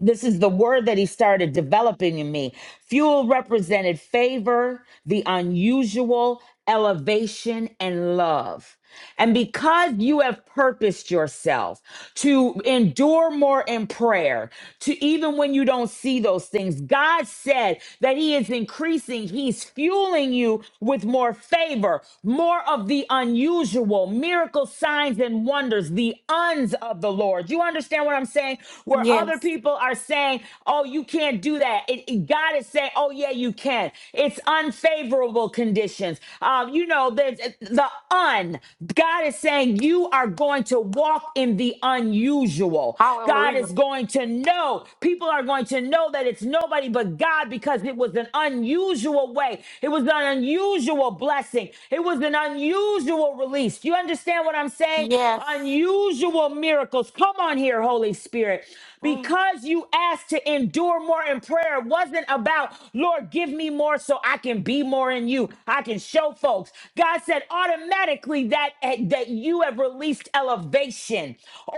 Speaker 1: this is the word that he started developing in me. Fuel represented favor, the unusual, elevation, and love. And because you have purposed yourself to endure more in prayer, to even when you don't see those things, God said that He is increasing, He's fueling you with more favor, more of the unusual, miracle signs and wonders, the uns of the Lord. You understand what I'm saying? Where other
Speaker 4: Yes.
Speaker 1: people people are saying, oh, you can't do that. It, it- God is saying, oh, yeah, you can. It's unfavorable conditions. Um, you know, there's uh, the un. God is saying, you are going to walk in the unusual. God
Speaker 4: Hallelujah.
Speaker 1: is going to know. People are going to know that it's nobody but God because it was an unusual way. It was an unusual blessing. It was an unusual release. Do you understand what I'm saying?
Speaker 4: Yes.
Speaker 1: Unusual miracles. Come on here, Holy Spirit
Speaker 4: Mm.
Speaker 1: because you asked to endure more in prayer it wasn't about lord give me more so i can be more in you i can show folks god said automatically that eh, that you have released elevation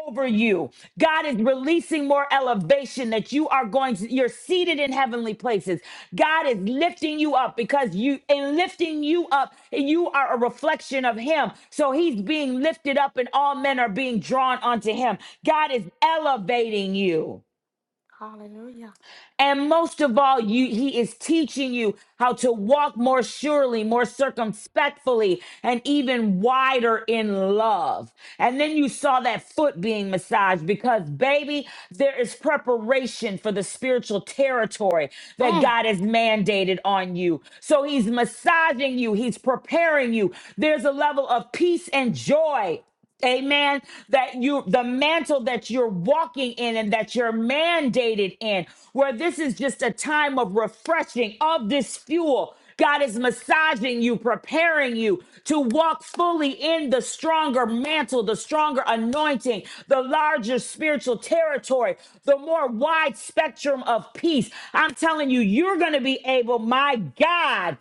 Speaker 1: over you god is releasing more elevation that you are going to you're seated in heavenly places god is lifting you up because you in lifting you up you are a reflection of him so he's being lifted up and all men are being drawn onto him god is elevating you
Speaker 4: Hallelujah.
Speaker 1: and most of all, you, he is teaching you how to walk more surely, more circumspectly, and even wider in love. And then you saw that foot being massaged because, baby, there is preparation for the spiritual territory that
Speaker 4: Mm,
Speaker 1: God has mandated on you. So he's massaging you, he's preparing you. There's a level of peace and joy Amen. That you, the mantle that you're walking in and that you're mandated in, where this is just a time of refreshing of this fuel. God is massaging you, preparing you to walk fully in the stronger mantle, the stronger anointing, the larger spiritual territory, the more wide spectrum of peace. I'm telling you, you're going to be able, my God.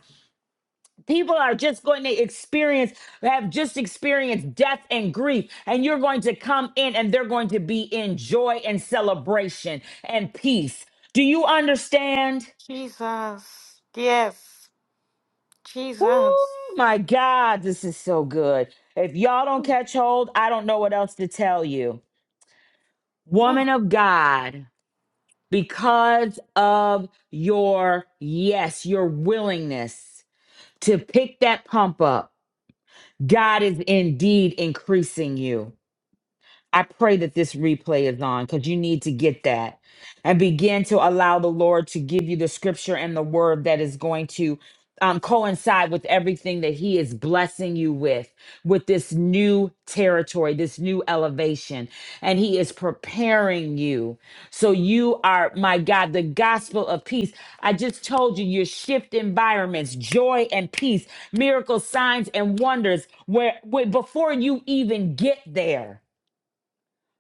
Speaker 1: People are just going to experience, have just experienced death and grief, and you're going to come in and they're going to be in joy and celebration and peace. Do you understand?
Speaker 4: Jesus. Yes. Jesus.
Speaker 1: Oh my God, this is so good. If y'all don't catch hold, I don't know what else to tell you.
Speaker 4: Mm,
Speaker 1: Woman of God, because of your yes, your willingness to pick that pump up, God is indeed increasing you. I pray that this replay is on because you need to get that and begin to allow the Lord to give you the scripture and the word that is going to um, coincide with everything that He is blessing you with, with this new territory, this new elevation. And He is preparing you. So you are, my God, the gospel of peace. I just told you, you shift environments, joy and peace, miracles, signs, and wonders where, where before you even get there.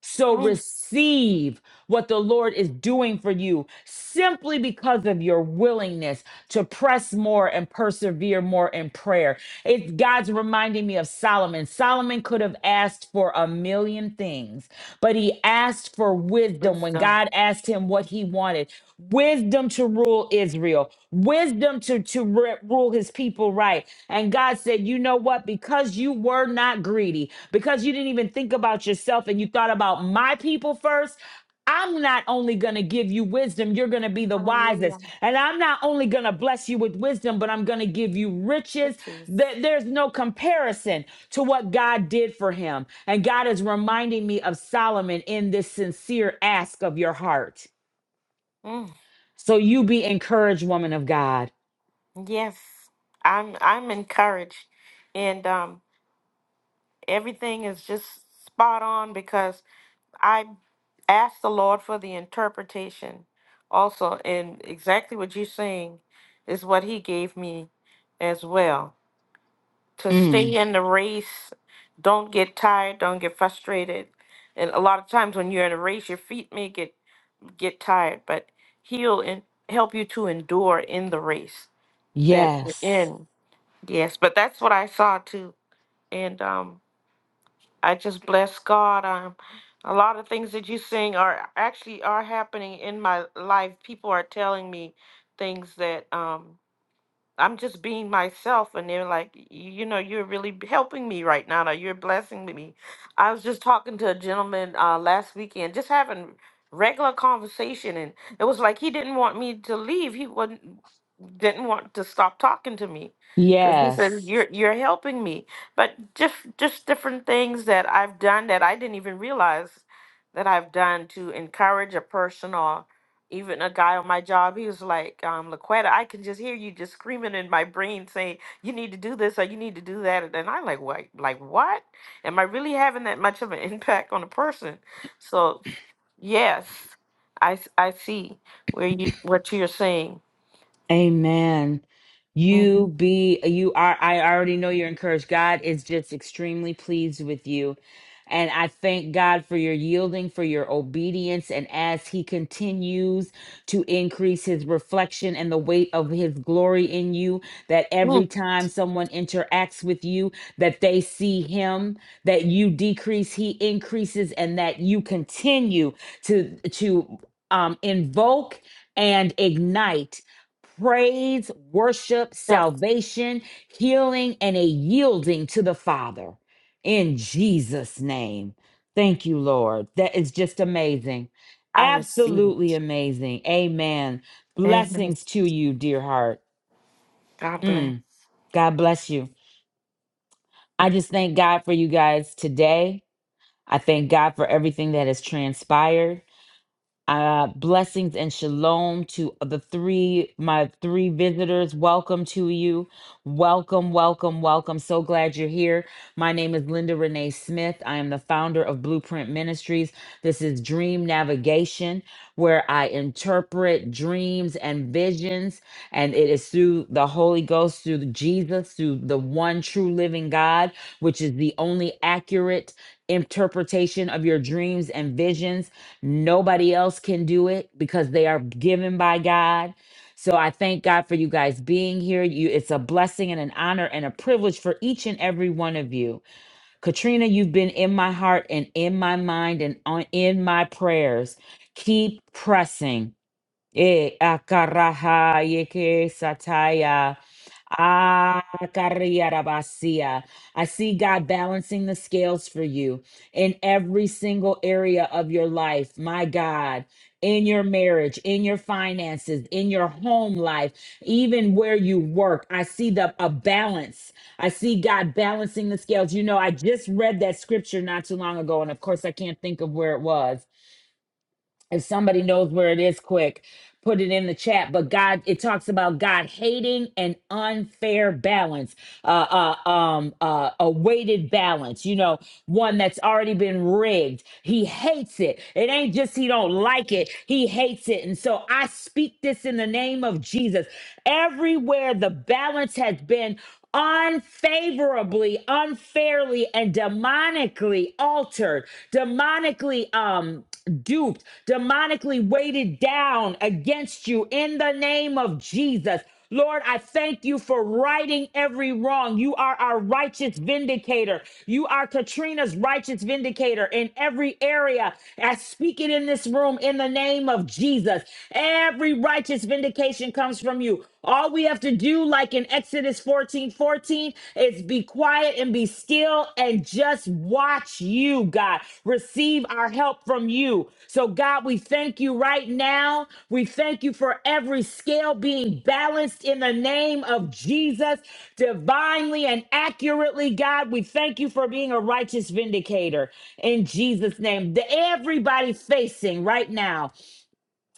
Speaker 1: So
Speaker 4: mm.
Speaker 1: receive what the Lord is doing for you simply because of your willingness to press more and persevere more in prayer. It's God's reminding me of Solomon. Solomon could have asked for a million things, but he asked for wisdom when
Speaker 4: Wisdom.
Speaker 1: God asked him what he wanted. Wisdom to rule Israel, wisdom to, to re- rule his people right. And God said, You know what? Because you were not greedy, because you didn't even think about yourself and you thought about my people first, I'm not only going to give you wisdom, you're going to be the
Speaker 4: Hallelujah.
Speaker 1: wisest. And I'm not only going to bless you with wisdom, but I'm going to give you riches.
Speaker 4: Riches.
Speaker 1: Th- There's no comparison to what God did for him. And God is reminding me of Solomon in this sincere ask of your heart.
Speaker 4: Mm,
Speaker 1: So you be encouraged, woman of God.
Speaker 4: yes. I'm I'm encouraged. And um everything is just spot on because I asked the Lord for the interpretation also and exactly what you're saying is what he gave me as well. to stay
Speaker 1: Mm,
Speaker 4: in the race. Don't get tired. Don't get frustrated. And a lot of times when you're in a race, your feet may get get tired, but he'll en- help you to endure in the race that we're
Speaker 1: yes.
Speaker 4: in. Yes, but that's what I saw too, and um, I just bless God. Um, a lot of things that you sing are actually are happening in my life. People are telling me things that um I'm just being myself, and they're like, "Y- you know, you're really b- helping me right now. Or you're blessing me. I was just talking to a gentleman uh, last weekend, just having regular conversation, and it was like he didn't want me to leave. He wouldn't didn't want to stop talking to me because he said,
Speaker 1: Yes.
Speaker 4: "You're you're helping me." But just just different things that I've done that I didn't even realize that I've done to encourage a person or even a guy on my job, he was like, um, Laquetta, I can just hear you just screaming in my brain saying, you need to do this or you need to do that. And I like, what? Like, what? Am I really having that much of an impact on a person? So, yes, I, s- I see where you, what you're saying.
Speaker 1: Amen.
Speaker 4: Mhm.
Speaker 1: You be you are I already know you're encouraged. God is just extremely pleased with you. And I thank God for your yielding, for your obedience. And as He continues to increase His reflection and the weight of His glory in you, that every
Speaker 4: mm
Speaker 1: time someone interacts with you, that they see Him, that you decrease, He increases, and that you continue to to um, invoke and ignite praise, worship,
Speaker 4: Yep.
Speaker 1: salvation, healing, and a yielding to the Father in Jesus' name. Thank you, Lord. That is just amazing.
Speaker 4: I receive it.
Speaker 1: Absolutely amazing. Amen.
Speaker 4: Amen.
Speaker 1: Blessings to you, dear heart.
Speaker 4: God bless.
Speaker 1: Mm, God bless you. I just thank God for you guys today. I thank God for everything that has transpired. Uh, blessings and shalom to the three, my three visitors. Welcome to you. Welcome, welcome, welcome. So glad you're here. My name is Linda Renee Smith. I am the founder of Blueprint Ministries. This is Dream Navigation, where I interpret dreams and visions, and it is through the Holy Ghost, through Jesus, through the one true living God, which is the only accurate interpretation of your dreams and visions Nobody else can do it because they are given by God. So I thank God for you guys being here. You it's a blessing and an honor and a privilege for each and every one of you. Katrina, you've been in my heart and in my mind and on in my prayers. Keep pressing. Eh, akaraha yeke sataya. Ah, karriarabasia. I see God balancing the scales for you in every single area of your life. My God, in your marriage, in your finances, in your home life, even where you work, I see the a balance. I see God balancing the scales. You know, I just read that scripture not too long ago, and of course, I can't think of where it was if somebody knows where it is quick put it in the chat but god it talks about god hating an unfair balance uh, uh um uh a weighted balance you know one that's already been rigged he hates it it ain't just he don't like it he hates it and so i speak this in the name of jesus everywhere the balance has been unfavorably, unfairly, and demonically altered, demonically um duped, demonically weighted down against you in the name of Jesus. Lord, I thank you for righting every wrong. You are our righteous vindicator. You are Katrina's righteous vindicator in every area. I speak it in this room in the name of Jesus. Every righteous vindication comes from you. All we have to do, like in Exodus 14 14, is be quiet and be still and just watch you, God. Receive our help from you. So, God, we thank you right now. We thank you for every scale being balanced in the name of Jesus, divinely and accurately, God. We thank you for being a righteous vindicator in Jesus' name. The, everybody facing right now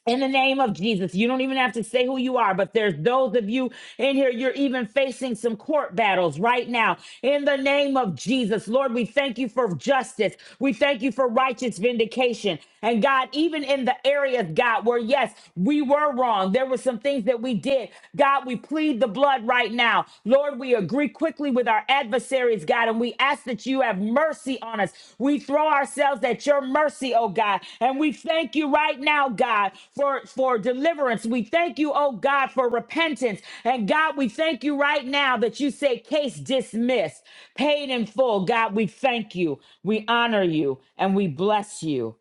Speaker 1: in the name of Jesus, you don't even have to say who you are, but there's those of you in here, you're even facing some court battles right now. In the name of Jesus, Lord, we thank you for justice. We thank you for righteous vindication. And God, even in the areas, God, where yes, we were wrong, there were some things that we did. God, we plead the blood right now. Lord, we agree quickly with our adversaries, God, and we ask that you have mercy on us. We throw ourselves at your mercy, oh God, and we thank you right now, God, for, for deliverance. We thank you, oh God, for repentance. And God, we thank you right now that you say case dismissed, paid in full. God, we thank you. We honor you and we bless you.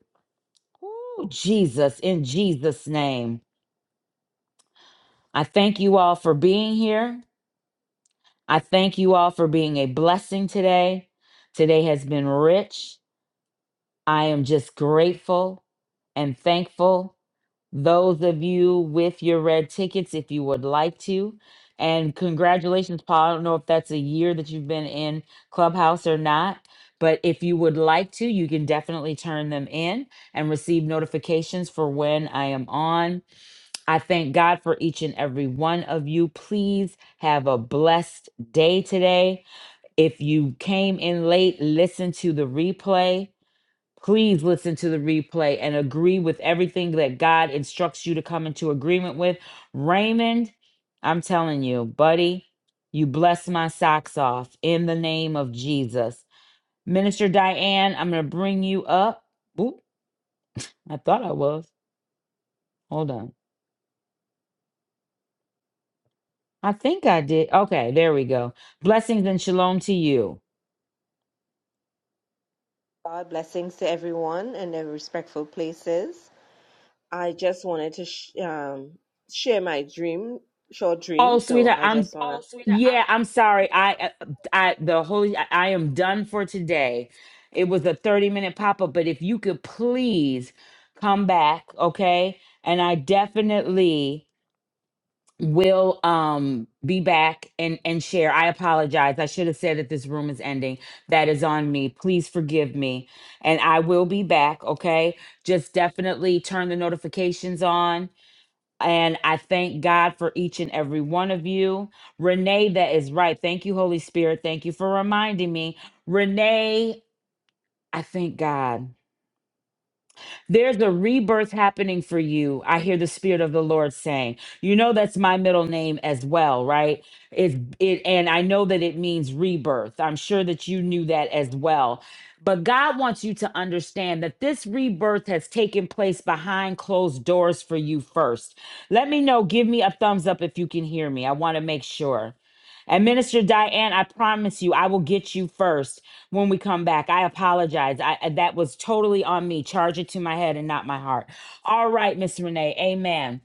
Speaker 1: Ooh, Jesus, in Jesus' name. I thank you all for being here. I thank you all for being a blessing today. Today has been rich. I am just grateful and thankful. Those of you with your red tickets, if you would like to. And congratulations, Paul. I don't know if that's a year that you've been in Clubhouse or not, but if you would like to, you can definitely turn them in and receive notifications for when I am on. I thank God for each and every one of you. Please have a blessed day today. If you came in late, listen to the replay. Please listen to the replay and agree with everything that God instructs you to come into agreement with. Raymond, I'm telling you, buddy, you bless my socks off in the name of Jesus. Minister Diane, I'm going to bring you up. Oop, I thought I was. Hold on. I think I did. Okay, there we go. Blessings and shalom to you.
Speaker 5: God blessings to everyone in their respectful places. I just wanted to sh- um, share my dream, short dream.
Speaker 1: Oh,
Speaker 5: So
Speaker 1: sweetheart,
Speaker 5: I
Speaker 1: I'm
Speaker 5: just want to. Oh, sweetheart, I'm
Speaker 1: Yeah, I'm sorry. I, uh, I, the holy, I, I am done for today. It was a 30 minute pop up, but if you could please come back, okay? And I definitely will um be back and and share. I apologize. I should have said that this room is ending. That is on me. Please forgive me. And I will be back, okay? Just definitely turn the notifications on and I thank God for each and every one of you. Renee, that is right. Thank you, Holy Spirit. Thank you for reminding me. Renee, I thank God. There's a rebirth happening for you. I hear the spirit of the Lord saying, you know, that's my middle name as well, right? It, it, and I know that it means rebirth. I'm sure that you knew that as well. But God wants you to understand that this rebirth has taken place behind closed doors for you first. Let me know. Give me a thumbs up if you can hear me. I want to make sure. And Minister Diane, I promise you, I will get you first when we come back. I apologize. I I- that was totally on me. Charge it to my head and not my heart. All right, Miss Renee. Amen.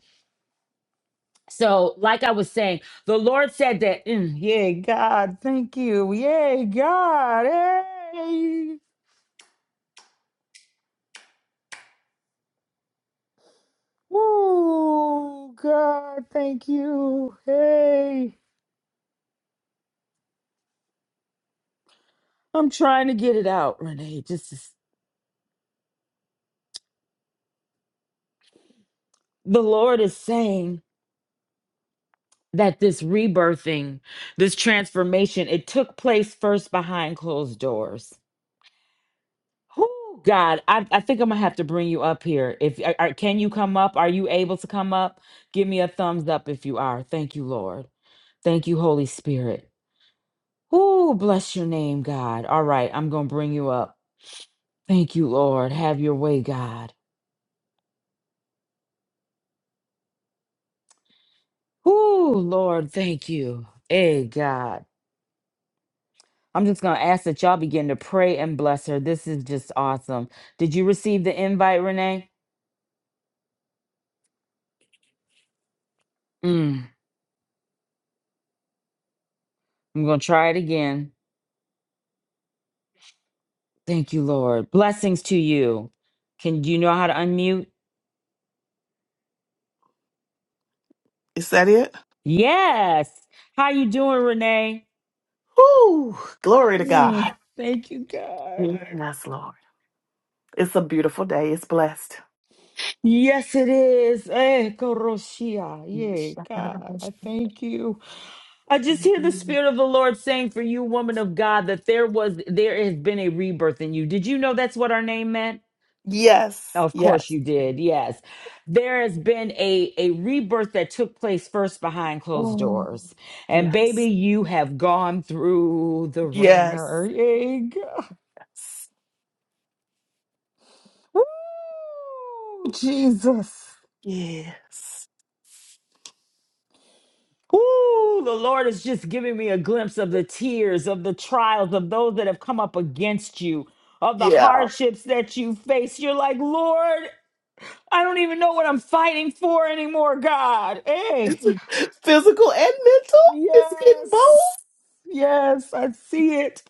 Speaker 1: So, like I was saying, the Lord said that. Mm, yay, God, thank you. Yay, God. Hey. Woo, God, thank you. Hey. I'm trying to get it out, Renee. Just the Lord is saying that this rebirthing, this transformation, it took place first behind closed doors Whoo, God, I, I think I'm gonna have to bring you up here. If are, are- can you come up? Are you able to come up? Give me a thumbs up if you are. Thank you, Lord. Thank you, Holy Spirit. Whoo, bless your name, God. All right, I'm gonna bring you up. Thank you, Lord. Have your way, God. Whoo, Lord, thank you. Hey, God. I'm just gonna ask that y'all begin to pray and bless her. This is just awesome. Did you receive the invite, Renee? Mm, I'm gonna try it again. Thank you, Lord. Blessings to you. Can do you know how to unmute?
Speaker 6: Is that it?
Speaker 1: Yes. How you doing, Renee?
Speaker 6: Whoo! Glory to
Speaker 1: Mm,
Speaker 6: God.
Speaker 1: thank you, God.
Speaker 6: Yes, Lord. It's a beautiful day. It's blessed.
Speaker 1: Yes, it is. Eh, Koroshia. Yeah, God, I thank you. I just hear the Spirit of the Lord saying for you, woman of God, that there was there has been a rebirth in you. Did you know that's what our name meant?
Speaker 6: Yes.
Speaker 1: Of course
Speaker 6: Yes.
Speaker 1: you did. Yes. There has been a a rebirth that took place first behind closed
Speaker 6: Oh,
Speaker 1: doors. And baby,
Speaker 6: Yes.
Speaker 1: you have gone through the ringer.
Speaker 6: Yes.
Speaker 1: Yay, God. Woo! Jesus.
Speaker 6: Yes.
Speaker 1: Ooh, the Lord is just giving me a glimpse of the tears, of the trials, of those that have come up against you, of the
Speaker 6: Yeah.
Speaker 1: hardships that you face. You're like, Lord, I don't even know what I'm fighting for anymore, God. Hey.
Speaker 6: It's a- physical and mental. It's getting
Speaker 1: Yes.
Speaker 6: both.
Speaker 1: Yes, I see it.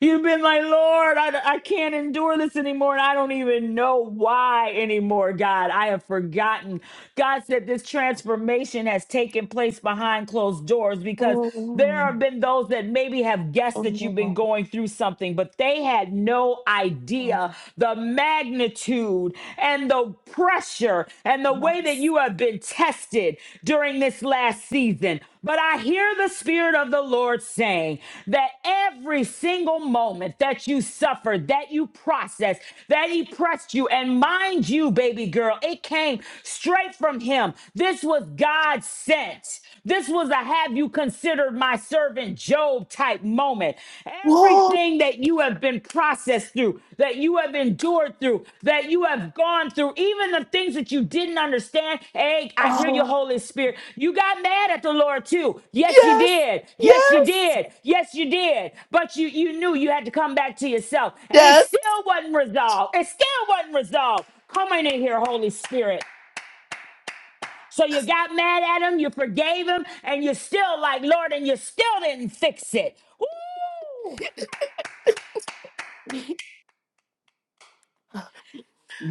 Speaker 1: You've been like, Lord, I, I can't endure this anymore. And I don't even know why anymore, God. I have forgotten God said this transformation has taken place behind closed doors because there
Speaker 6: Oh,
Speaker 1: have been those that maybe have guessed that you've been
Speaker 6: oh,
Speaker 1: going through something, but they had no
Speaker 6: oh,
Speaker 1: idea the magnitude and the pressure and the way that
Speaker 6: Yes.
Speaker 1: you have been tested during this last season. But I hear the Spirit of the Lord saying that every single moment that you suffered, that you processed, that He pressed you, and mind you, baby girl, it came straight from him. This was God sent. This was a have you considered my servant Job type moment.
Speaker 6: Whoa.
Speaker 1: Everything that you have been processed through, that you have endured through, that you have gone through, even the things that you didn't understand. Hey, I hear you, Holy
Speaker 6: Oh.
Speaker 1: Spirit. You got mad at the Lord too. Yes, you
Speaker 6: Yes.
Speaker 1: did. Yes, you
Speaker 6: Yes.
Speaker 1: did. Yes, you did. But you you knew you had to come back to yourself. And it
Speaker 6: Yes.
Speaker 1: still wasn't resolved. It still wasn't resolved. Come on in here, Holy Spirit. So you got mad at him, you forgave him, and you're still like, Lord, and you still didn't fix it. Woo!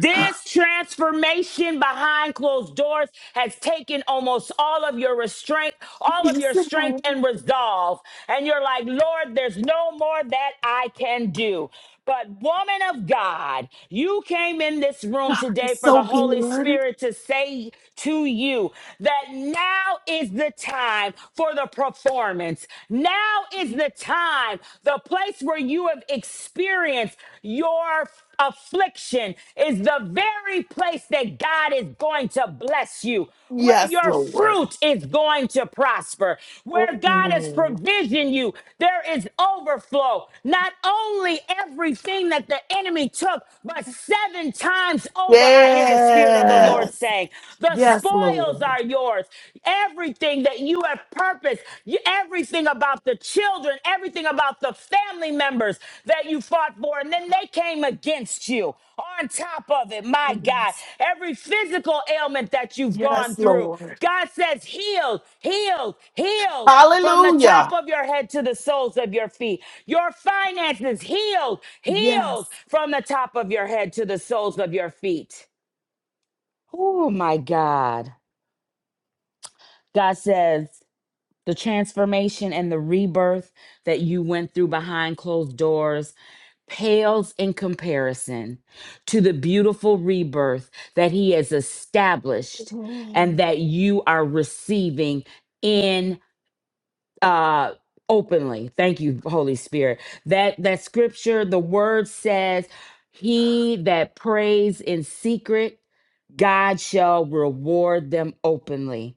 Speaker 1: transformation behind closed doors has taken almost all of your restraint, all of
Speaker 6: Yes.
Speaker 1: your
Speaker 6: it
Speaker 1: strength
Speaker 6: has.
Speaker 1: and resolve. And you're like, Lord, there's no more that I can do. But, woman of God, you came in this room
Speaker 6: God is
Speaker 1: today for the
Speaker 6: so
Speaker 1: Holy
Speaker 6: good.
Speaker 1: Spirit to say to you that now is the time for the performance. Now is the time, the place where you have experienced your affliction is the very place that God is going to bless you. Where
Speaker 6: Yes,
Speaker 1: your
Speaker 6: Lord.
Speaker 1: fruit is going to prosper, where God has
Speaker 6: Mm.
Speaker 1: provisioned you, there is overflow. Not only everything that the enemy took, but seven times over, I hear the Spirit of the Lord
Speaker 6: Yes.
Speaker 1: saying, The
Speaker 6: Yes,
Speaker 1: spoils
Speaker 6: Lord.
Speaker 1: are yours. Everything that you have purposed, you, everything about the children, everything about the family members that you fought for, and then they came against you. On top of it, my God,
Speaker 6: Yes,
Speaker 1: every physical ailment that you've
Speaker 6: Yes,
Speaker 1: gone through,
Speaker 6: Lord.
Speaker 1: God says, healed, healed, healed from the top
Speaker 6: Hallelujah.
Speaker 1: of your head to the soles of your feet. Your finances, healed, healed
Speaker 6: Yes.
Speaker 1: from the top of your head to the soles of your feet. Oh, my God. God says, the transformation and the rebirth that you went through behind closed doors pales in comparison to the beautiful rebirth that he has established and
Speaker 6: Mm.
Speaker 1: that you are receiving in uh openly thank you holy spirit that that scripture the word says he that prays in secret god shall reward them openly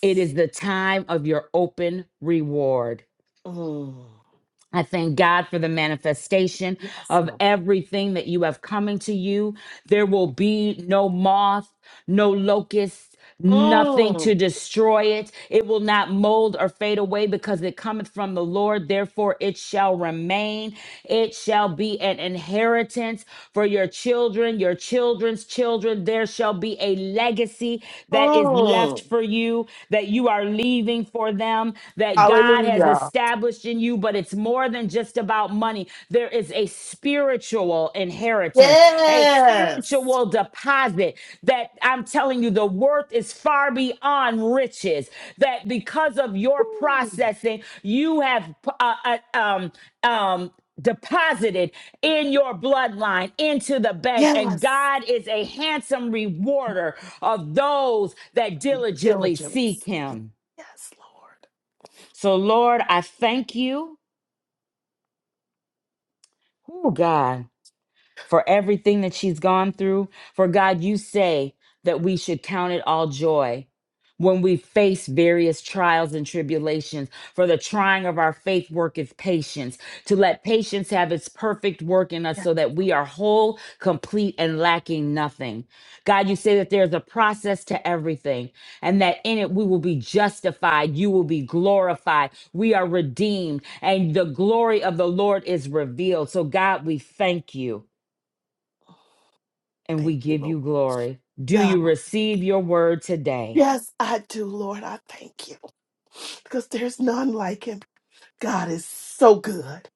Speaker 1: it is the time of your open reward.
Speaker 6: Mm.
Speaker 1: I thank God for the manifestation
Speaker 6: Yes,
Speaker 1: of
Speaker 6: Lord.
Speaker 1: everything that you have coming to you. There will be no moth, no locust, nothing to
Speaker 6: Mm.
Speaker 1: destroy it. It will not mold or fade away because it cometh from the Lord. Therefore, it shall remain. It shall be an inheritance for your children, your children's children. There shall be a legacy that is left
Speaker 6: Mm.
Speaker 1: for you that you are leaving for them, that God has
Speaker 6: Hallelujah.
Speaker 1: established in you, but it's more than just about money. There is a spiritual inheritance, a
Speaker 6: Yes.
Speaker 1: spiritual deposit that I'm telling you, the worth is far beyond riches. That because of your
Speaker 6: Mm.
Speaker 1: processing, you have uh, uh, um, um, deposited in your bloodline into the bank. And
Speaker 6: Yes.
Speaker 1: God is a handsome rewarder of those that diligently seek
Speaker 6: Diligence. Yes,
Speaker 1: him.
Speaker 6: Lord.
Speaker 1: So, Lord, I thank you. Oh, God. for everything that she's gone through. For God, you say that we should count it all joy when we face various trials and tribulations. For the trying of our faith worketh patience, to let patience have its perfect work in us
Speaker 6: Yes.
Speaker 1: so that we are whole, complete, and lacking nothing. God, you say that there's a process to everything and that in it we will be justified, you will be glorified, we are redeemed, and the glory of the Lord is revealed. So, God, we thank you and
Speaker 6: Thank
Speaker 1: we
Speaker 6: you,
Speaker 1: give you
Speaker 6: Lord.
Speaker 1: glory. Do
Speaker 6: God.
Speaker 1: you receive your word today?
Speaker 6: Yes, I do, Lord. I thank you because there's none like him. God is so good.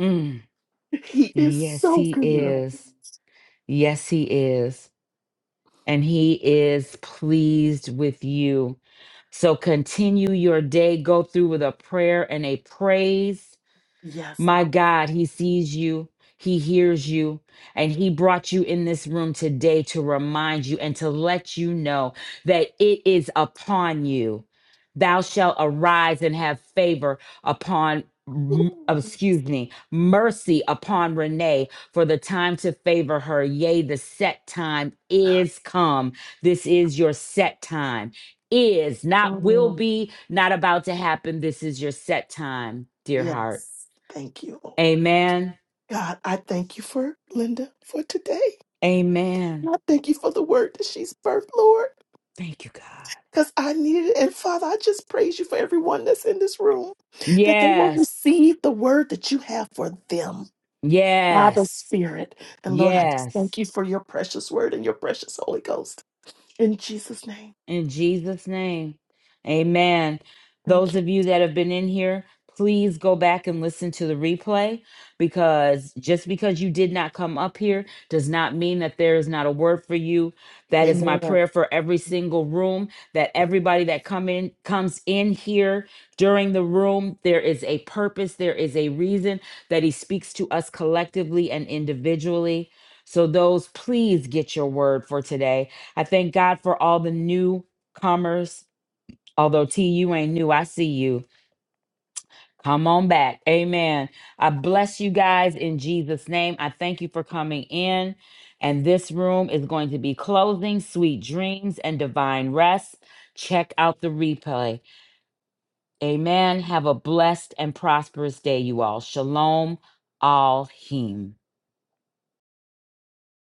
Speaker 1: Mm.
Speaker 6: He is
Speaker 1: Yes,
Speaker 6: so
Speaker 1: he
Speaker 6: good.
Speaker 1: is. Yes, he is. And he is pleased with you. So continue your day. Go through with a prayer and a praise
Speaker 6: Yes,
Speaker 1: My
Speaker 6: Lord.
Speaker 1: God, He sees you, He hears you, and He brought you in this room today to remind you and to let you know that it is upon you. Thou shalt arise and have favor upon. m-
Speaker 6: Ooh,
Speaker 1: Excuse me, mercy upon Renee for the time to favor her. Yea, the set time is come. This is your set time. Is not will
Speaker 6: mm,
Speaker 1: be, not about to happen. This is your set time, dear heart.
Speaker 6: Yes. Thank you, Lord.
Speaker 1: Amen.
Speaker 6: God, I thank you for Linda for today.
Speaker 1: Amen.
Speaker 6: I thank you for the word that she's birthed, Lord,
Speaker 1: Thank you, God.
Speaker 6: because I needed it. And Father, I just praise you for everyone that's in this room, that they will
Speaker 1: Yes.
Speaker 6: receive the word that you have for them Father
Speaker 1: Yes.
Speaker 6: Spirit. And Lord, I just
Speaker 1: Yes.
Speaker 6: thank you for your precious word and your precious Holy Ghost. In Jesus' name,
Speaker 1: In Jesus' name, amen.
Speaker 6: thank
Speaker 1: Those
Speaker 6: you.
Speaker 1: of you that have been in here, please go back and listen to the replay because just because you did not come up here does not mean that there is not a word for you. That is my
Speaker 6: Amen.
Speaker 1: prayer for every single room that everybody that come in comes in here during the room there is a purpose, there is a reason that he speaks to us collectively and individually. So those please get your word for today I thank God for all the newcomers. Although T, you ain't new, I see you. Come on back. Amen. I bless you guys in Jesus' name. I thank you for coming in. And this room is going to be closing. Sweet dreams and divine rest. Check out the replay. Amen. Have a blessed and prosperous day, you all. Shalom, all him.